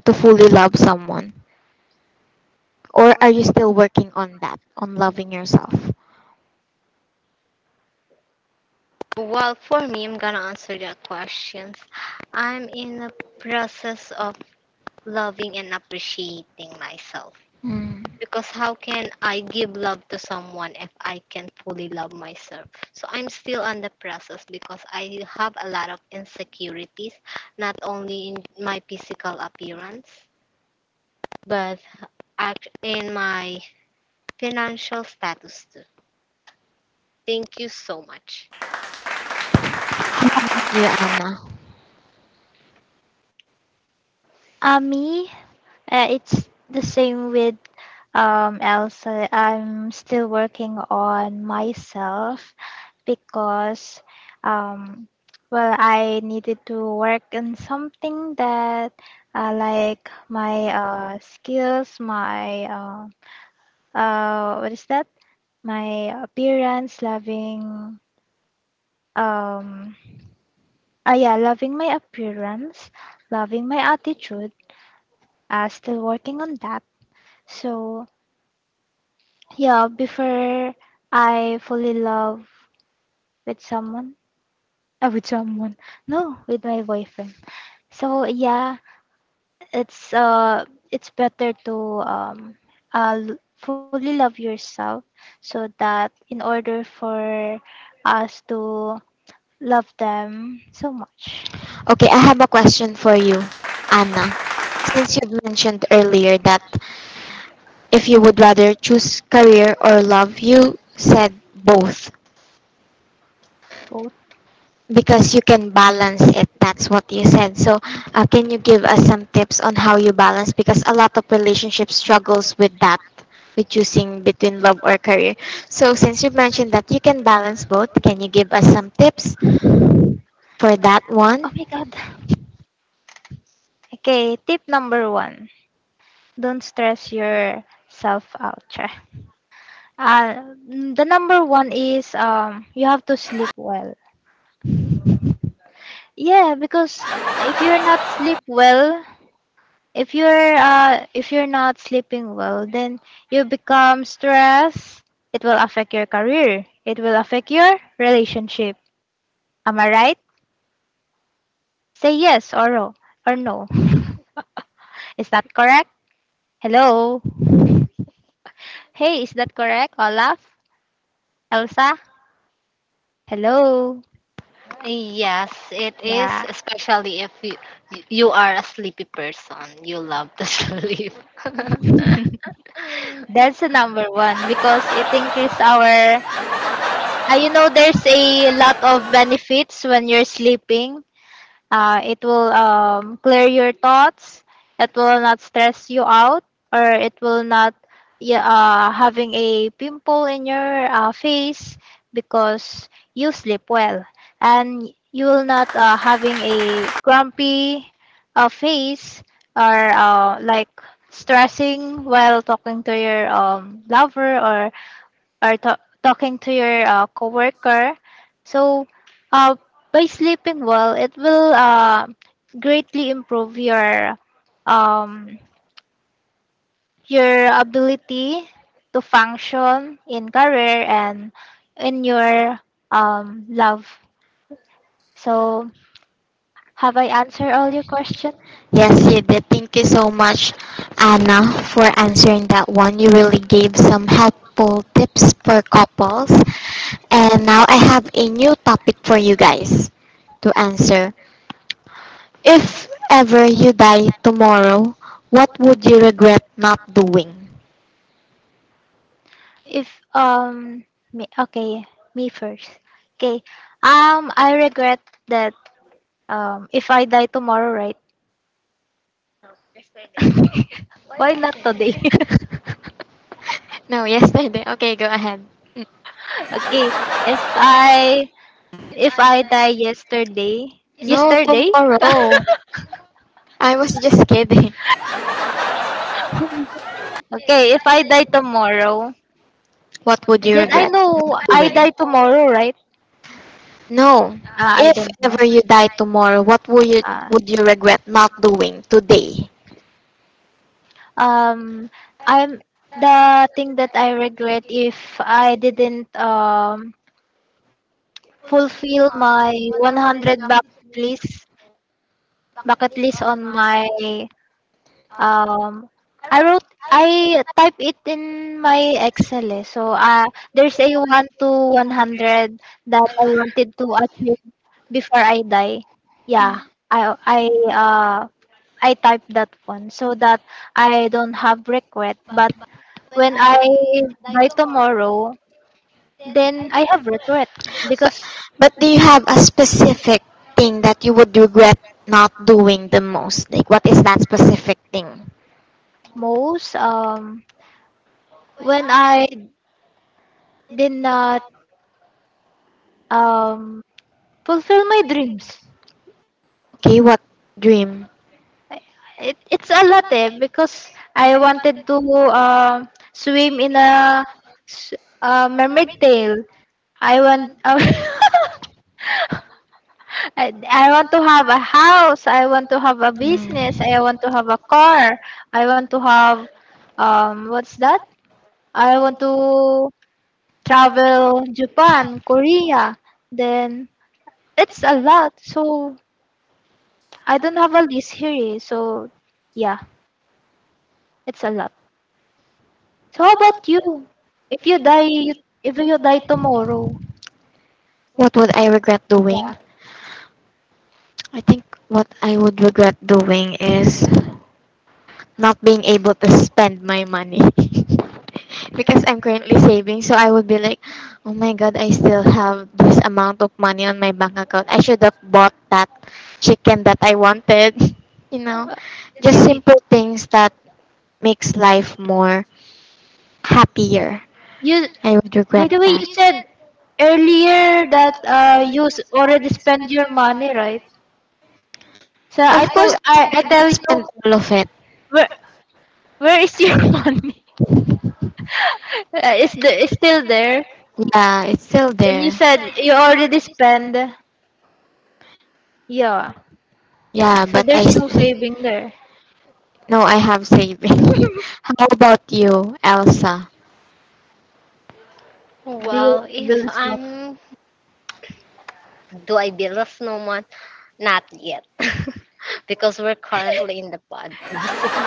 B: to fully love someone? Or are you still working on that, on loving yourself?
A: Well, for me, I'm gonna answer that questions. I'm in the process of loving and appreciating myself.
B: Hmm.
A: Because how can I give love to someone if I can't fully love myself? So I'm still on the process because I have a lot of insecurities, not only in my physical appearance, but act- in my financial status too. Thank you so much.
B: You, Anna.
C: Ami, it's the same with Elsa. I'm still working on myself because, um, well, I needed to work on something that like my skills, my what is that? My appearance, loving, um, yeah, loving my appearance, loving my attitude. Still working on that. So yeah, before I fully love with someone, uh, with someone, no, with my boyfriend. So yeah, it's uh, it's better to um, fully love yourself, so that in order for us to love them so much.
B: Okay, I have a question for you, Anna. Since you've mentioned earlier that if you would rather choose career or love, you said both,
C: Oh,
B: because you can balance it. That's what you said. So can you give us some tips on how you balance, because a lot of relationships struggles with that, with choosing between love or career? So since you mentioned that you can balance both, can you give us some tips for that one?
C: oh my God. Okay, tip number one: don't stress yourself out. Char. Uh, the number one is you have to sleep well. Yeah, because if you're not sleep well, if you're not sleeping well, then you become stressed. It will affect your career. It will affect your relationship. Am I right? Say yes or no or no. Is that correct? Hello. Hey, is that correct, Olaf? Elsa? Hello.
A: Yes, it is,
C: Yeah.
A: especially if you you are a sleepy person. You love to sleep.
C: That's the number one because it increases our. You know, there's a lot of benefits when you're sleeping. It will clear your thoughts. It will not stress you out, or it will not yeah, having a pimple in your face because you sleep well, and you will not having a grumpy face or like stressing while talking to your lover or talking to your coworker. So, uh, by sleeping well, it will greatly improve um, your ability to function in career and in your love. So, have I answered all your questions?
B: Yes, you did. Thank you so much, Anna, for answering that one. You really gave some helpful tips for couples. And now I have a new topic for you guys to answer. If ever you die tomorrow, what would you regret not doing?
C: If me, okay, me first. Okay. I regret that if I die tomorrow, right? Why not today?
B: No, yesterday. Okay, go ahead. Mm.
C: Okay, if I if I die yesterday,
B: No,
C: yesterday?
B: tomorrow. I was just kidding.
C: Okay, if I die tomorrow,
B: What would you
C: then I
B: regret not
C: know I
B: doing?
C: die tomorrow, right?
B: No.
C: Ah, I
B: If
C: don't know.
B: ever you die tomorrow, what would you
C: Ah,
B: regret not doing today?
C: um, I'm the thing that I regret if I didn't fulfill my 100 bucket list on my. Um, I wrote, I type it in my Excel eh. So, there's a 1 to 100 that I wanted to achieve before I die. Yeah, I, I, uh, I type that one so that I don't have regret. But when I die tomorrow, then I have regret because
B: But do you have a specific thing that you would regret not doing the most? Like what is that specific thing?
C: most, when I did not, um, fulfill my dreams.
B: Okay, what dream?
C: It's a lot eh because I wanted to uh, swim in s- a mermaid tail. I want I want to have a house. I want to have a business. I want to have a car. I want to have what's that? I want to travel Japan, Korea. Then it's a lot. So I don't have a list here. Eh. So yeah, it's a lot. So how about you? If you die, you, if you die tomorrow,
B: What would I regret
C: yeah.
B: doing? I think what I would regret doing is not being able to spend my money. Because I'm currently saving, so I would be like, oh my god, I still have this amount of money on my bank account. I should have bought that chicken that I wanted. You know,
C: Uh,
B: just
C: you, you,
B: simple things that makes life more happier.
C: you-
B: I would
C: by
B: regret
C: the way,
B: that.
C: you said earlier that you already spent your money, right?
B: Of I course, I, still I
C: I
B: didn't
C: tell
B: tell
C: you,
B: spend you, all of it.
C: where, where is your money? Is the is still there?
B: Yeah, it's still
C: Then
B: there.
C: you
B: You
C: said
B: said
C: you
B: you
C: already
B: already spent.
C: spend. Yeah.
B: Yeah,
C: So
B: but I
C: there's
B: st-
C: no
B: savings,
C: saving there.
B: right? No, I have
C: Do
B: saving. How about you, Elsa?
C: you
A: Well,
C: want to
A: if
C: build up?
A: I'm, do I build a snowman? Not yet, because we're currently in the podcast.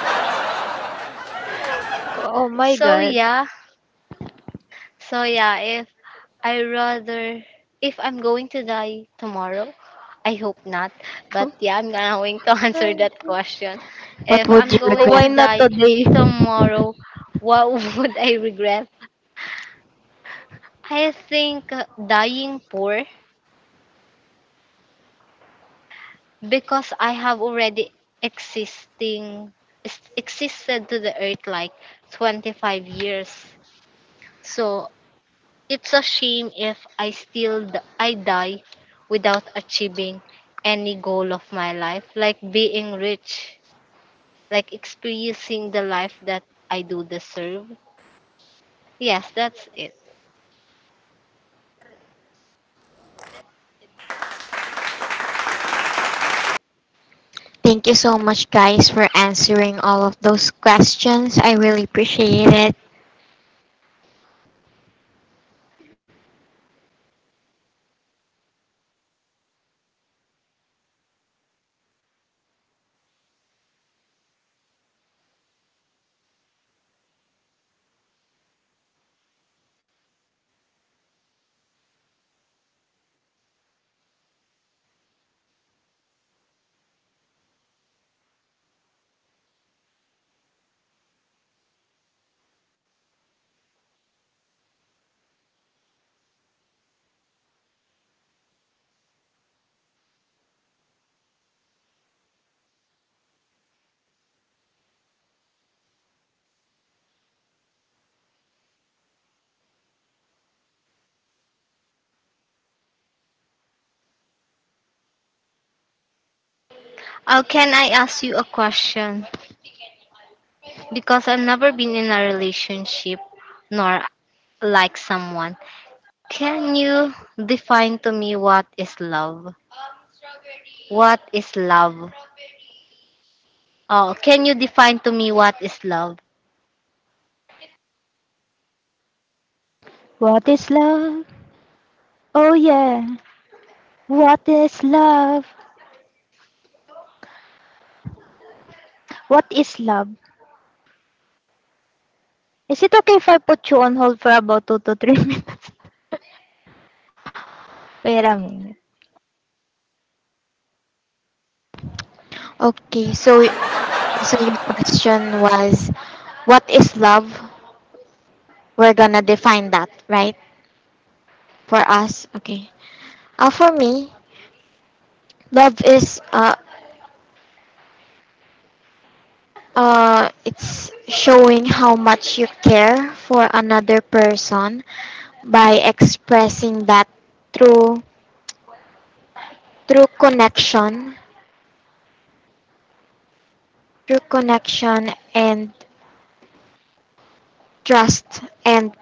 C: Oh my
A: so
C: God.
A: yeah, so yeah, I rather if I'm going to die tomorrow, I hope not. But yeah, I'm going to answer that question.
B: What
A: If
B: would
A: I'm
B: you
A: going
C: Why
B: regret?
A: to
C: not
A: die
C: today?
A: tomorrow, what would I regret? I think dying poor because I have already existing existed to the earth like 25 years. So it's a shame if I I die without achieving any goal of my life, like being rich, like experiencing the life that I do deserve. Yes, that's it.
B: Thank you so much, guys, for answering all of those questions. I really appreciate it.
A: Oh, can I ask you a question? Because I've never been in a relationship nor like someone. Can you define to me what is love? What is love? Oh, can you define to me what is love?
C: What is love? Oh yeah. What is love? What is love? Is it okay if I put you on hold for about 2 to 3 minutes? Wait a minute.
B: Okay, so so your question was, what is love? We're gonna define that, right? For us, okay. For me, love is it's showing how much you care for another person by expressing that through through connection, through connection and trust and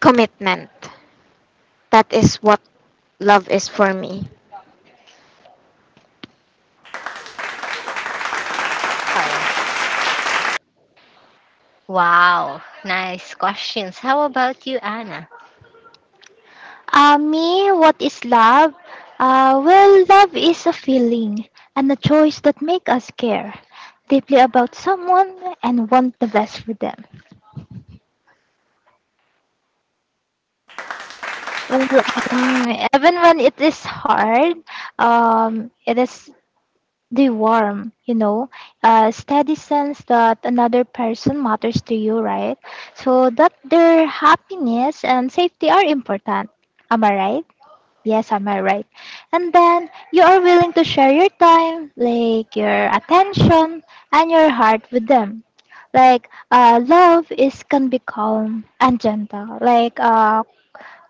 B: commitment. That is what love is for me.
A: Oh. Wow, nice questions. How about you, Anna?
C: Me, what is love? Well, love is a feeling and a choice that make us care deeply about someone and want the best for them. Well, even when it is hard, it is the warm, you know, steady sense that another person matters to you, right? So that their happiness and safety are important. Am I right? Yes, am I right? And then you are willing to share your time, like your attention and your heart with them. Like love is can be calm and gentle. Like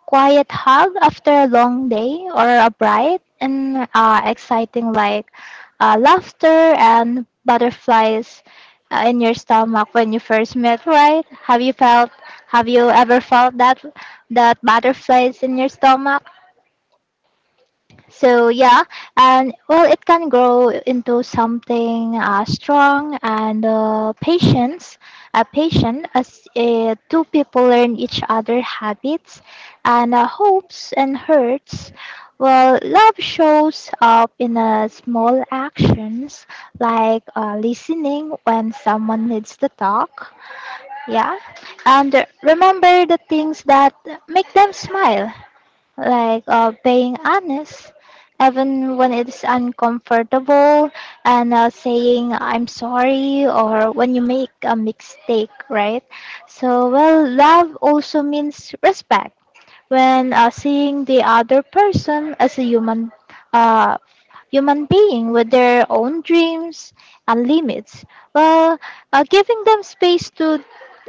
C: quiet hug after a long day, or a bright and exciting, like laughter and butterflies in your stomach when you first met, right? Have you felt, have you ever felt that butterflies in your stomach? So yeah, and well, it can grow into something strong and patient as two people learn each other habits and hopes and hurts. Well, love shows up in small actions, like listening when someone needs to talk. Yeah, and remember the things that make them smile, like being honest even when it's uncomfortable, and saying I'm sorry or when you make a mistake, right? So well, love also means respect, when seeing the other person as a human uh, human being with their own dreams and limits. Well, giving them space to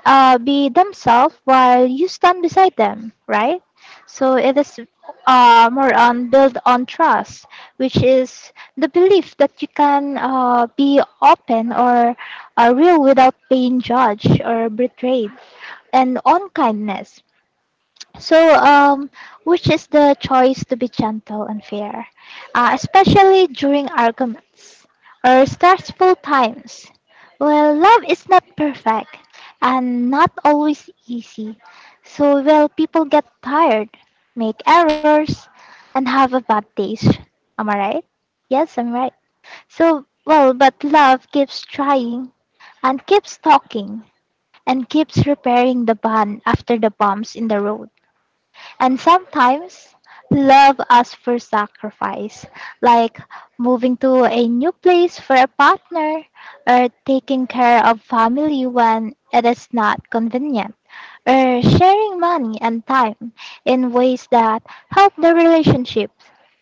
C: be themselves while you stand beside them, right? So it is more on build on trust, which is the belief that you can be open or real without being judged or betrayed, and on kindness. So, which is the choice to be gentle and fair, especially during arguments or stressful times. Well, love is not perfect and not always easy. So, well, people get tired, make errors, and have a bad days. Am I right? Yes, I'm right. So, well, but love keeps trying and keeps talking and keeps repairing the bond after the bumps in the road. And sometimes love asks for sacrifice, like moving to a new place for a partner, or taking care of family when it is not convenient, or sharing money and time in ways that help the relationship.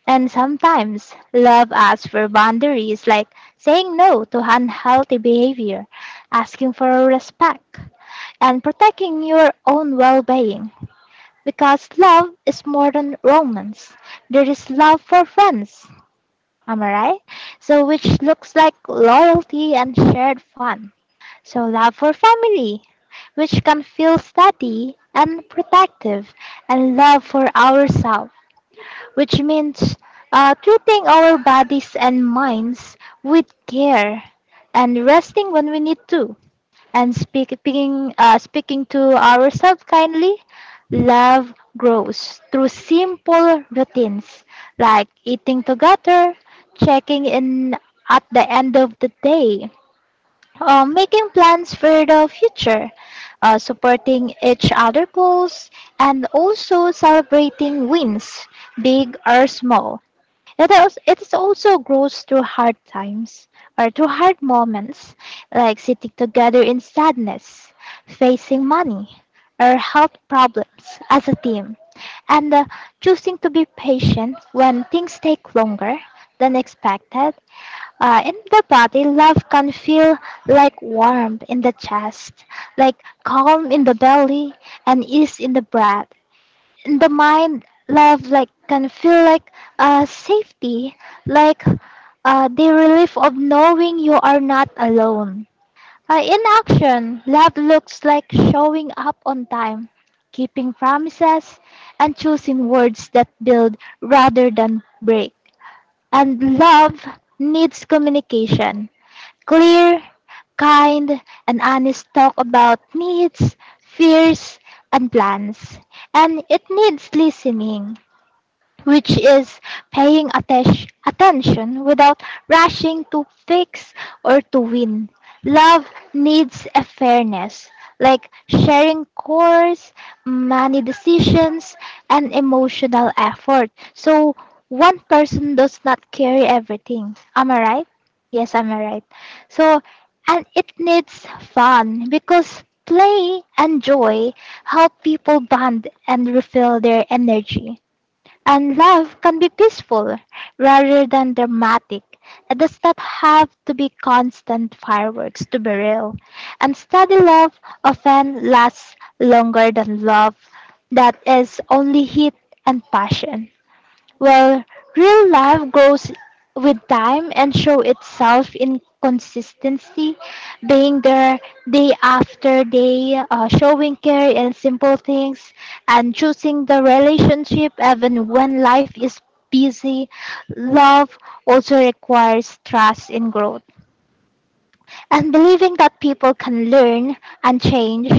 C: And sometimes love asks for boundaries, like saying no to unhealthy behavior, asking for respect, and protecting your own well being. Because love is more than romance. There is love for friends. Am I right? So, which looks like loyalty and shared fun. So, love for family, which can feel steady and protective, and love for ourselves, which means treating our bodies and minds with care, and resting when we need to, and speaking to ourselves kindly. Love grows through simple routines, like eating together, checking in at the end of the day, making plans for the future, supporting each other goals, and also celebrating wins, big or small. It is also grows through hard times or through hard moments, like sitting together in sadness, facing money or health problems as a team, and choosing to be patient when things take longer than expected. In the body, love can feel like warmth in the chest, like calm in the belly, and ease in the breath. The mind love like can feel like safety, like the relief of knowing you are not alone. In action, love looks like showing up on time, keeping promises, and choosing words that build rather than break. And love needs communication. Clear, kind, and honest talk about needs, fears, and plans. And it needs listening, which is paying attention without rushing to fix or to win. Love needs a fairness, like sharing chores, money decisions, and emotional effort. So one person does not carry everything. Am I right? Yes, am I right? So, and it needs fun, because play and joy help people bond and refill their energy. And love can be peaceful rather than dramatic. It does not have to be constant fireworks to be real. And steady love often lasts longer than love that is only heat and passion. Well, real love grows with time and show itself in consistency, being there day after day, showing care in simple things, and choosing the relationship even when life is busy. Love also requires trust in growth and believing that people can learn and change,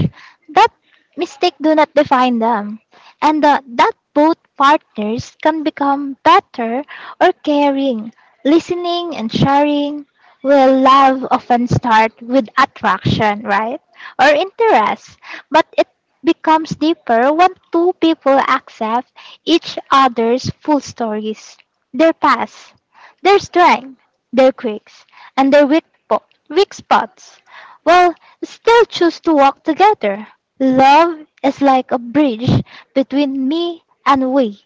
C: that mistake do not define them, and that both partners can become better or caring, listening and sharing. Well, love often start with attraction, right, or interest, but it becomes deeper when two people accept each other's full stories, their past, their strengths, their quirks, and their weak spots, while still choose to walk together. Love is like a bridge between me and we,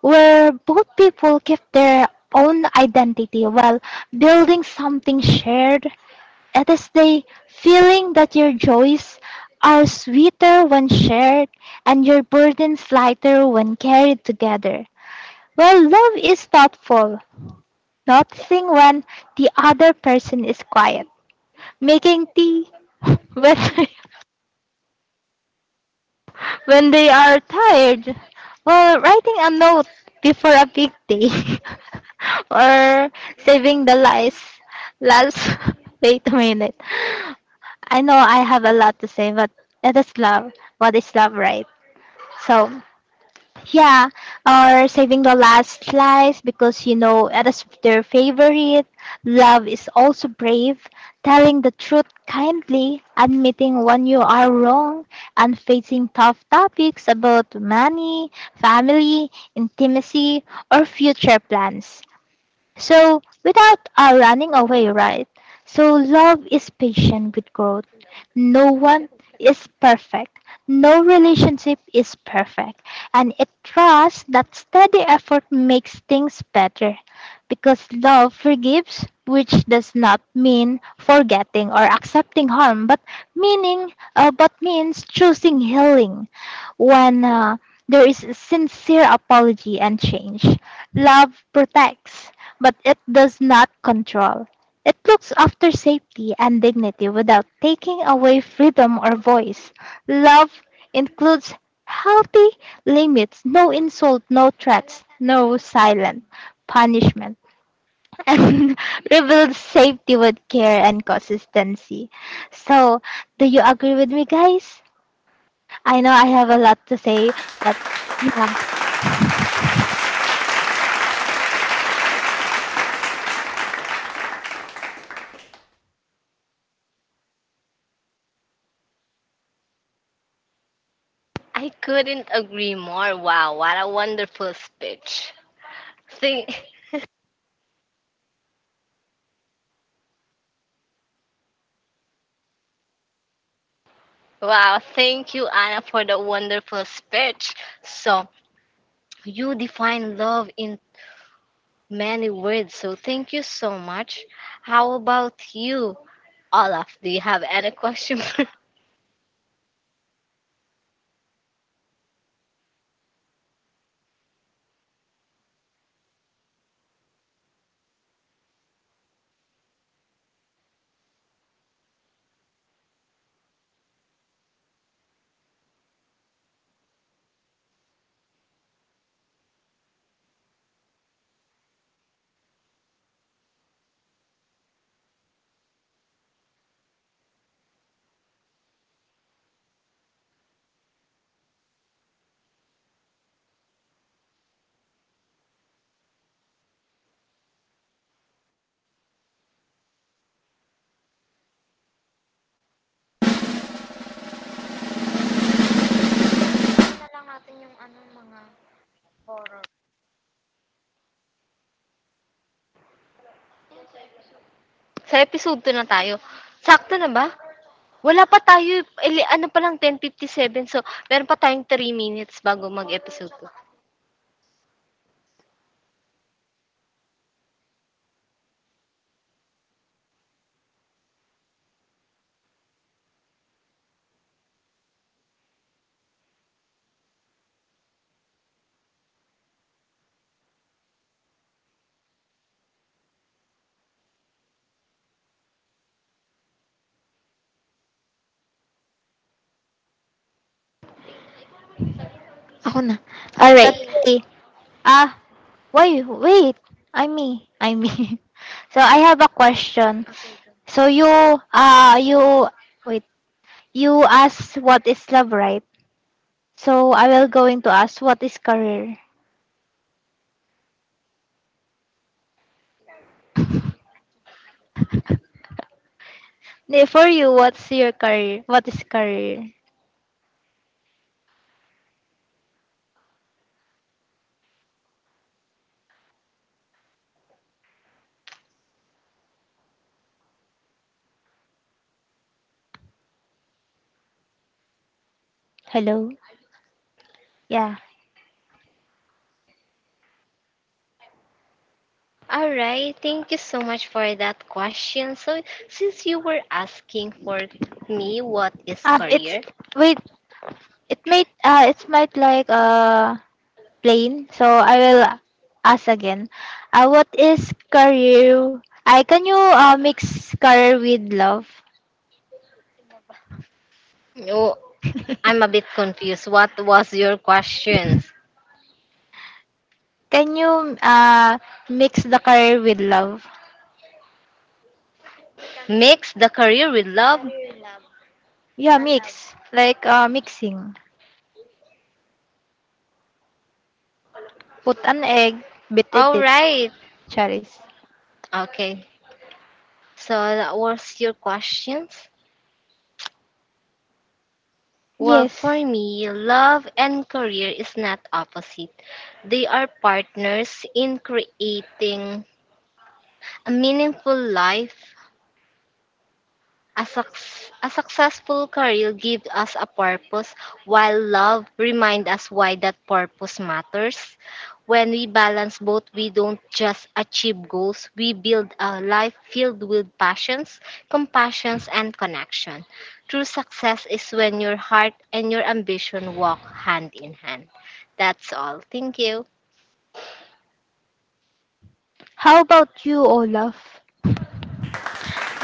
C: where both people keep their own identity while building something shared. It is the feeling that your joys are sweeter when shared and your burdens lighter when carried together. Well, love is thoughtful, noticing when the other person is quiet, making tea when, when they are tired, or writing a note before a big day, or saving the lies. Last, wait a minute. I know I have a lot to say, but it is love. What is love, right? So, yeah, or saving the last slice because you know it is their favorite. Love is also brave, telling the truth kindly, admitting when you are wrong, and facing tough topics about money, family, intimacy, or future plans. So, without our running away, right? So, love is patient with growth. No one is perfect. No relationship is perfect. And it trusts that steady effort makes things better. Because love forgives, which does not mean forgetting or accepting harm, but means choosing healing when there is a sincere apology and change. Love protects, but it does not control. It looks after safety and dignity without taking away freedom or voice. Love includes healthy limits, no insult, no threats, no silent punishment, and rebuilds safety with care and consistency. So, do you agree with me, guys? I know I have a lot to say, but yeah.
A: I couldn't agree more. Wow, what a wonderful speech. Think, wow, thank you, Anna, for the wonderful speech. So, you define love in many words, so thank you so much. How about you, Olaf? Do you have any question? Sa episode 2 na tayo. Sakto na ba? Wala pa tayo, ano pa lang, 10:57. So, meron pa tayong 3 minutes bago mag-episode.
B: Ako na. All right.
C: Okay. Uh, Why? Wait. I me. I me. So I have a question. So you wait. You ask what is love, right? So I will going to ask what is career. For you, what's your career? What is career? Hello. Yeah.
A: All right, thank you so much for that question. So, since you were asking for me what is
C: Ah, it's
A: career,
C: wait. It might it's might like plain. So I will ask again. What is career? I Can you mix career with love?
A: oh, I'm a bit confused. What was your questions?
C: Can you mix the career with love?
A: Mix the career with love?
C: Yeah, mix. Like mixing. Put an egg, bit it
A: All
C: it.
A: right.
C: Charis.
A: Okay. So, that was your questions? Well, for
C: Yes.
A: me, love and career is not opposite. They are partners in creating a meaningful life. A, suc- a successful career gives us a purpose, while love reminds us why that purpose matters. When we balance both, we don't just achieve goals, we build a life filled with passions, compassions, and connection. True success is when your heart and your ambition walk hand in hand. That's all. Thank you.
C: How about you, Olaf?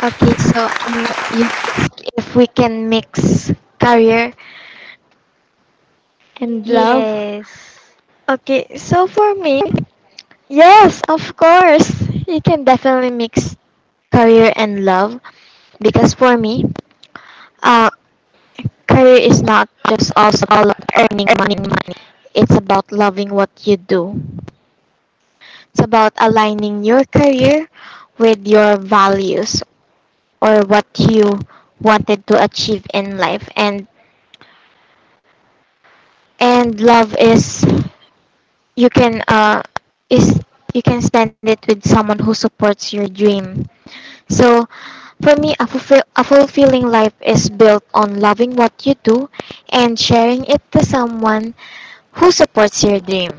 B: You ask if we can mix career and love.
C: Yes.
B: For me, yes, of course, you can definitely mix career and love, because for me, uh, career is not just also about earning money. It's about loving what you do. It's about aligning your career with your values, or what you wanted to achieve in life. And and love is you can uh is you can spend it with someone who supports your dream. So for me, a fulfilling life is built on loving what you do and sharing it to someone who supports your dream.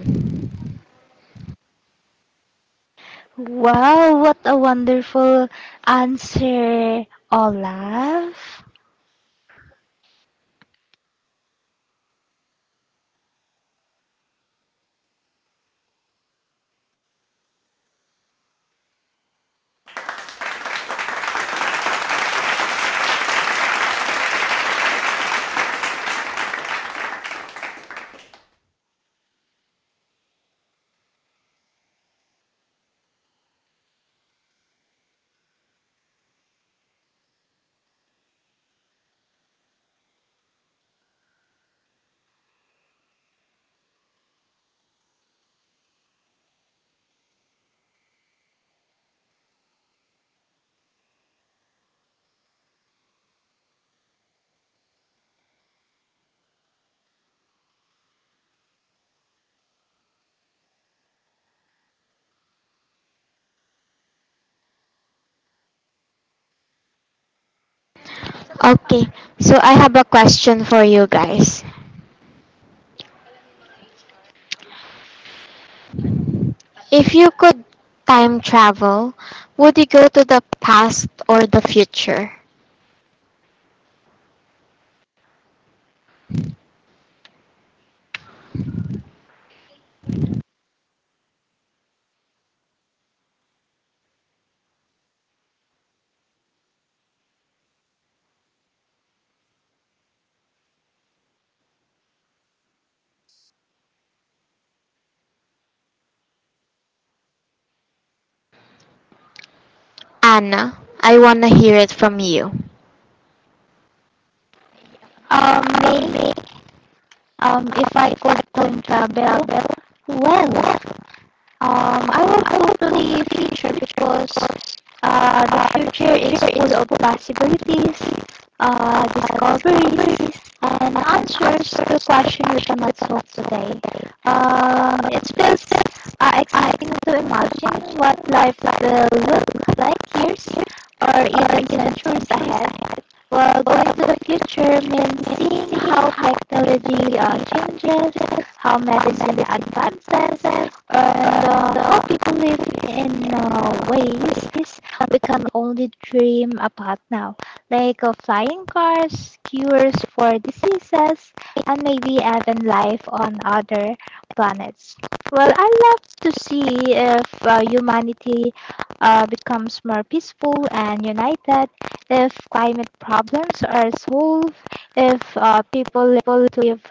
C: Wow, what a wonderful answer, Olaf.
B: Okay, so I have a question for you guys. If you could time travel, would you go to the past or the future? Anna, I want to hear it from you.
C: Maybe if I could time travel, well, I would go to the future because the future is full of possibilities, discoveries, and answers to questions we cannot solve today. It feels exciting to imagine what life will look like years or even centuries ahead. We're going to the future means seeing how technology changes, how medicine advances, and how people live in ways we can only dream about now, like flying cars, cures for diseases, and maybe even life on other planets. Well, I love to see if humanity becomes more peaceful and united, if climate problems are solved, if people live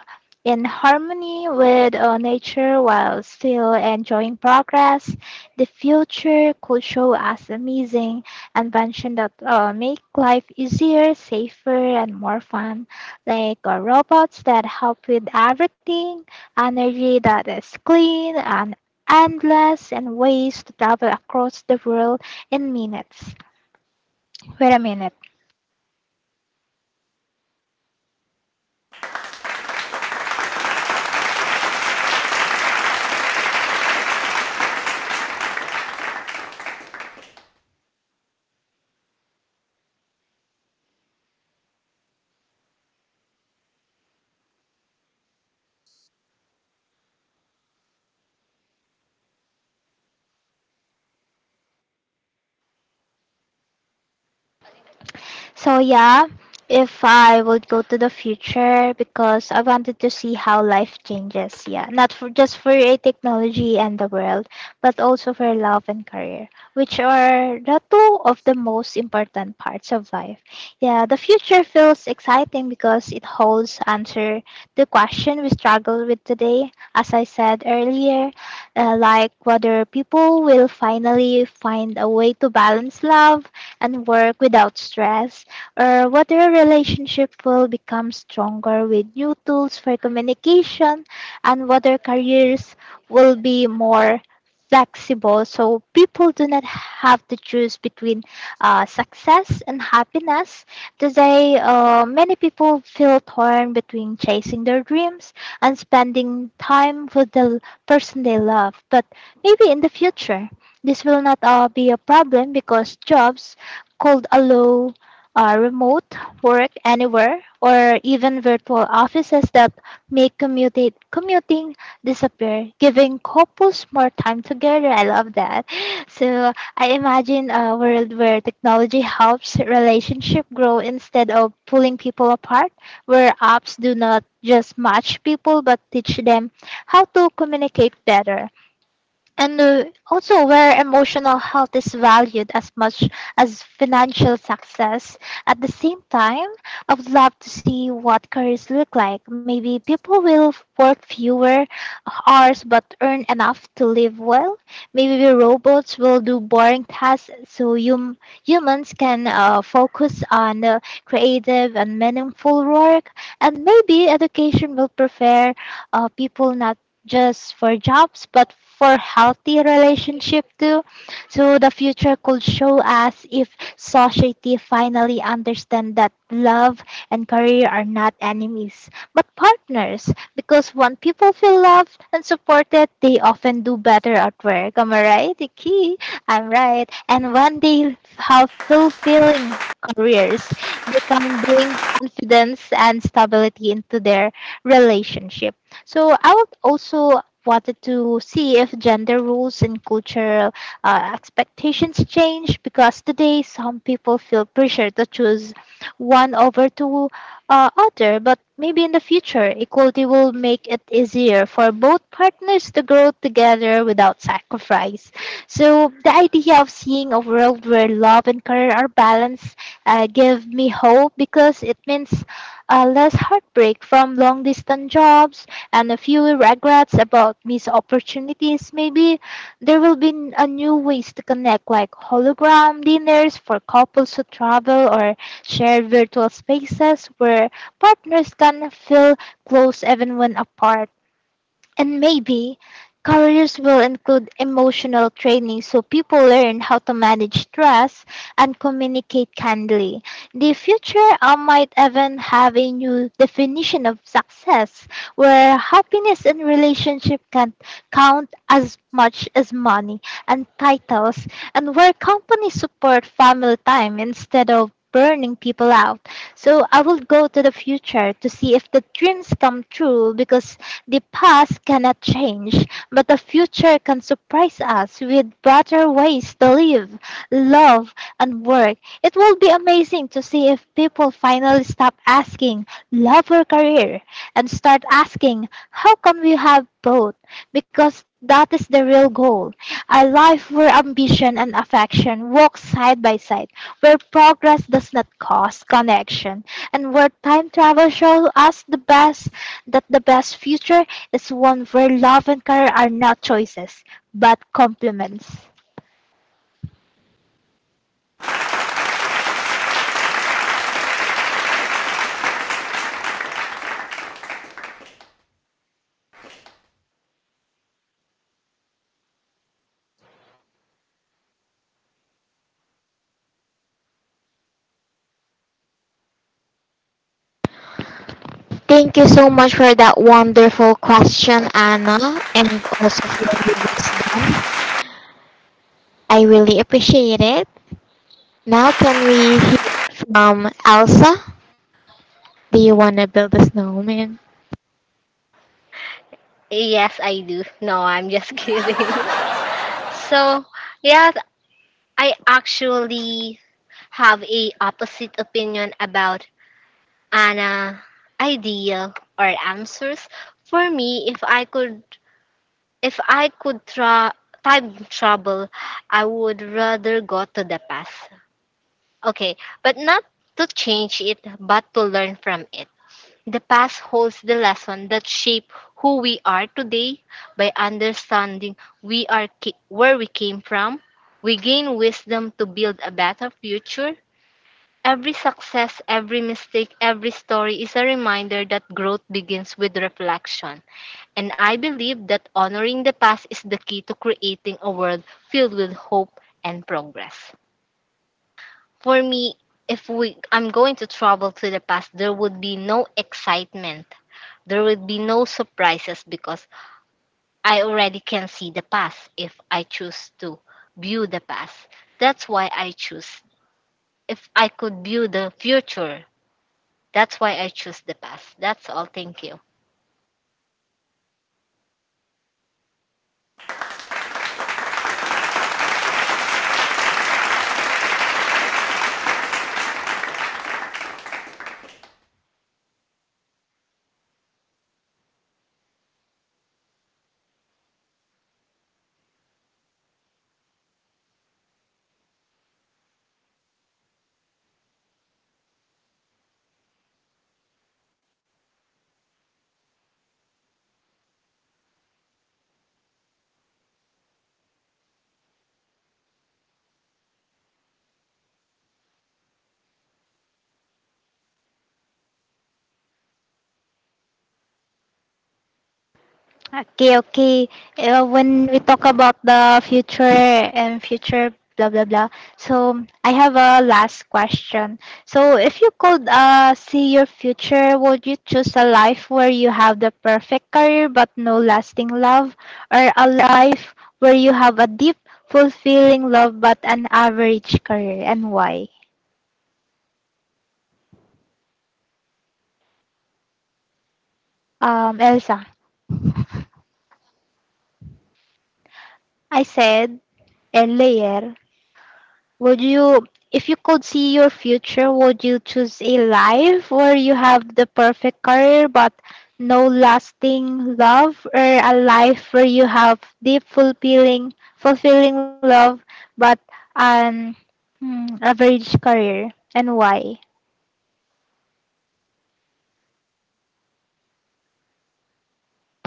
C: in harmony with nature while still enjoying progress. The future could show us amazing invention that make life easier, safer, and more fun, like robots that help with everything, energy that is clean and endless, and ways to travel across the world in minutes. Wait a minute. So yeah, if I would go to the future because I wanted to see how life changes. Yeah, not for just for a technology and the world, but also for love and career, which are the two of the most important parts of life. Yeah, the future feels exciting because it holds answer to question we struggle with today. As I said earlier, like whether people will finally find a way to balance love and work without stress, or whether a relationship will become stronger with new tools for communication, and whether careers will be more flexible so people do not have to choose between success and happiness. Today, many people feel torn between chasing their dreams and spending time with the person they love, but maybe in the future this will not be a problem because jobs could allow remote work anywhere, or even virtual offices that make commuting disappear, giving couples more time together. I love that. So I imagine a world where technology helps relationship grow instead of pulling people apart, where apps do not just match people but teach them how to communicate better, and also where emotional health is valued as much as financial success. At the same time, I would love to see what careers look like. Maybe people will work fewer hours but earn enough to live well. Maybe robots will do boring tasks so humans can focus on creative and meaningful work. And maybe education will prefer people not just for jobs but for healthy relationship too. So the future could show us if society finally understand that love and career are not enemies but partners, because when people feel loved and supported they often do better at work. Am I right, Iki? I'm right. And when they have fulfilling careers, they can bring confidence and stability into their relationship. So I would also wanted to see if gender roles and cultural expectations change, because today some people feel pressure to choose one over to other, but maybe in the future equality will make it easier for both partners to grow together without sacrifice. So the idea of seeing a world where love and career are balanced give me hope, because it means less heartbreak from long distance jobs and a few regrets about missed opportunities. Maybe there will be a new ways to connect, like hologram dinners for couples who travel, or share virtual spaces where partners can feel close even when apart. And maybe careers will include emotional training so people learn how to manage stress and communicate kindly. The future might even have a new definition of success, where happiness and relationship can count as much as money and titles, and where companies support family time instead of burning people out. So I will go to the future to see if the dreams come true, because the past cannot change, but the future can surprise us with better ways to live, love, and work. It will be amazing to see if people finally stop asking, love or career, and start asking, how can we have both? Because that is the real goal. A life where ambition and affection walk side by side, where progress does not cause connection, and where time travel shows us the best that the best future is one where love and career are not choices, but complements.
B: Thank you so much for that wonderful question, Anna, and also for your wisdom. I really appreciate it. Now can we hear from Elsa? Do you want to build a snowman?
A: Yes, I do. No, I'm just kidding. So, yeah, I actually have a opposite opinion about an idea or answers. For me, if I could time travel, I would rather go to the past. Okay, but not to change it, but to learn from it. The past holds the lesson that shape who we are today. By understanding where we came from, we gain wisdom to build a better future. Every success, every mistake, every story is a reminder that growth begins with reflection. And I believe that honoring the past is the key to creating a world filled with hope and progress. For me, if we I'm going to travel to the past, there would be no excitement. There would be no surprises because I already can see the past if I choose to view the past. That's why I choose. If I could view the future, that's why I choose the past. That's all. Thank you.
C: Okay, okay. When we talk about the future and future blah blah blah. So I have a last question. So if you could see your future, would you choose a life where you have the perfect career but no lasting love, or a life where you have a deep, fulfilling love but an average career, and why? Elsa. I said earlier, would you, if you could see your future, would you choose a life where you have the perfect career but no lasting love, or a life where you have deep, fulfilling love but an average career, and why?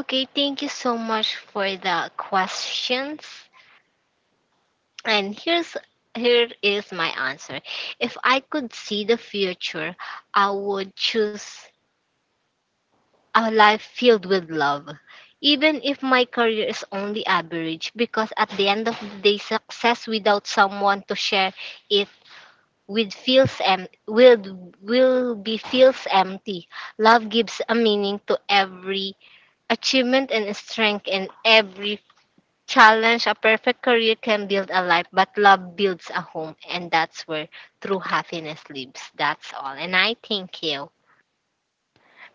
A: Okay, thank you so much for the questions. And here is my answer. If I could see the future, I would choose a life filled with love. Even if my career is only average, because at the end of the day, success without someone to share it with feels em- will be feels empty. Love gives a meaning to every achievement and strength in every challenge. A perfect career can build a life, but love builds a home, and that's where true happiness lives. That's all. And I thank you.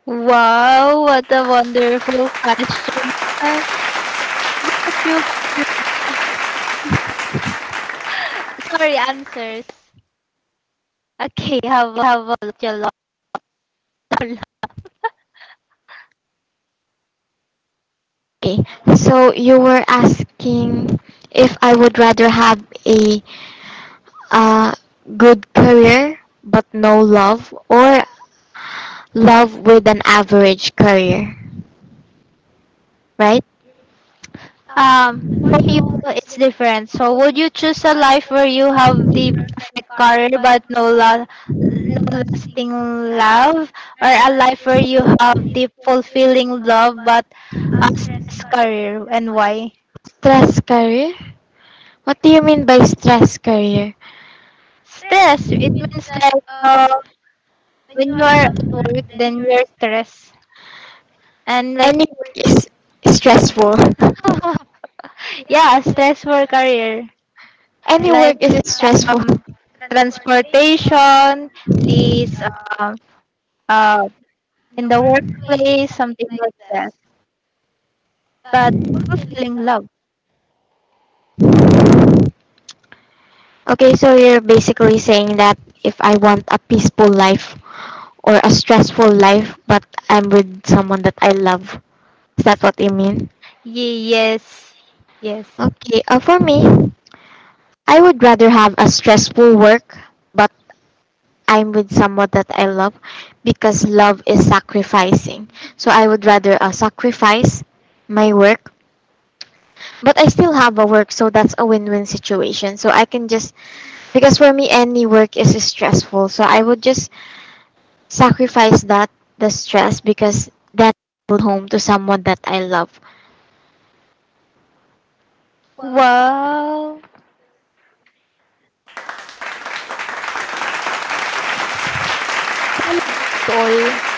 C: Wow, what a wonderful question. What about you? Sorry, answers. Okay, how about you, Lord?
B: Okay. So you were asking if I would rather have a uh, good career but no love, or love with an average career, right?
C: For you, it's different. So, would you choose a life where you have the perfect career but no lasting love, or a life where you have the fulfilling love but a stress career, and why?
B: Stress career? What do you mean by stress career?
C: Stress. It means like when you are at work, then you're stressed, and
B: Any
C: like
B: work is stressful.
C: yeah, stress for career
B: Any
C: like
B: work is stressful.
C: um transportation, these um uh. in the workplace, something like that. But fulfilling love.
B: Okay, so you're basically saying that if I want a peaceful life, or a stressful life, but I'm with someone that I love. Is that what you mean?
C: Yes, yes.
B: Okay, for me, I would rather have a stressful work, but I'm with someone that I love, because love is sacrificing. So I would rather sacrifice my work, but I still have a work, so that's a win win situation. So I can just, because for me, any work is stressful. So I would just sacrifice that, the stress, because then I would home to someone that I love.
C: Wow! So that's all.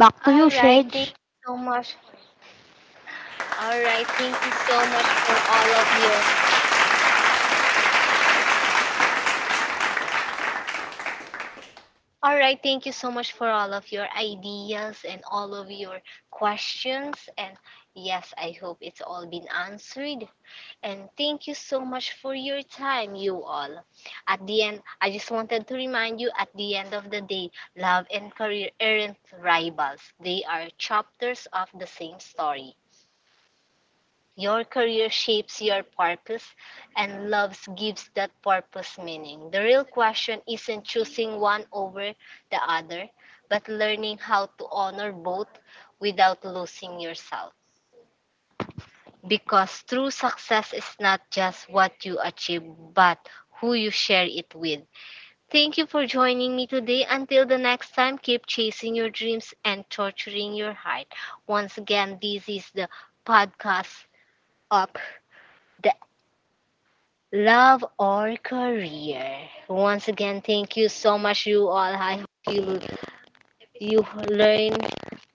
C: Back to you,
A: All right,
C: Shej.
A: thank you so much. All right, thank you so much for all of your. All right, thank you so much for all of your ideas and all of your questions. And yes, I hope it's all been answered. And thank you so much for your time, you all. At the end, I just wanted to remind you at the end of the day, love and career aren't rivals, they are chapters of the same story. Your career shapes your purpose, and love gives that purpose meaning. The real question isn't choosing one over the other, but learning how to honor both without losing yourself. Because true success is not just what you achieve, but who you share it with. Thank you for joining me today. Until the next time, keep chasing your dreams and torturing your heart. Once again, this is the podcast of the love or career. Once again, thank you so much, you all. I hope you learned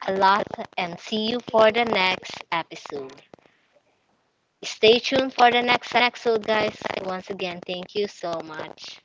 A: a lot and see you for the next episode. Stay tuned for the next episode, guys. Once again, thank you so much.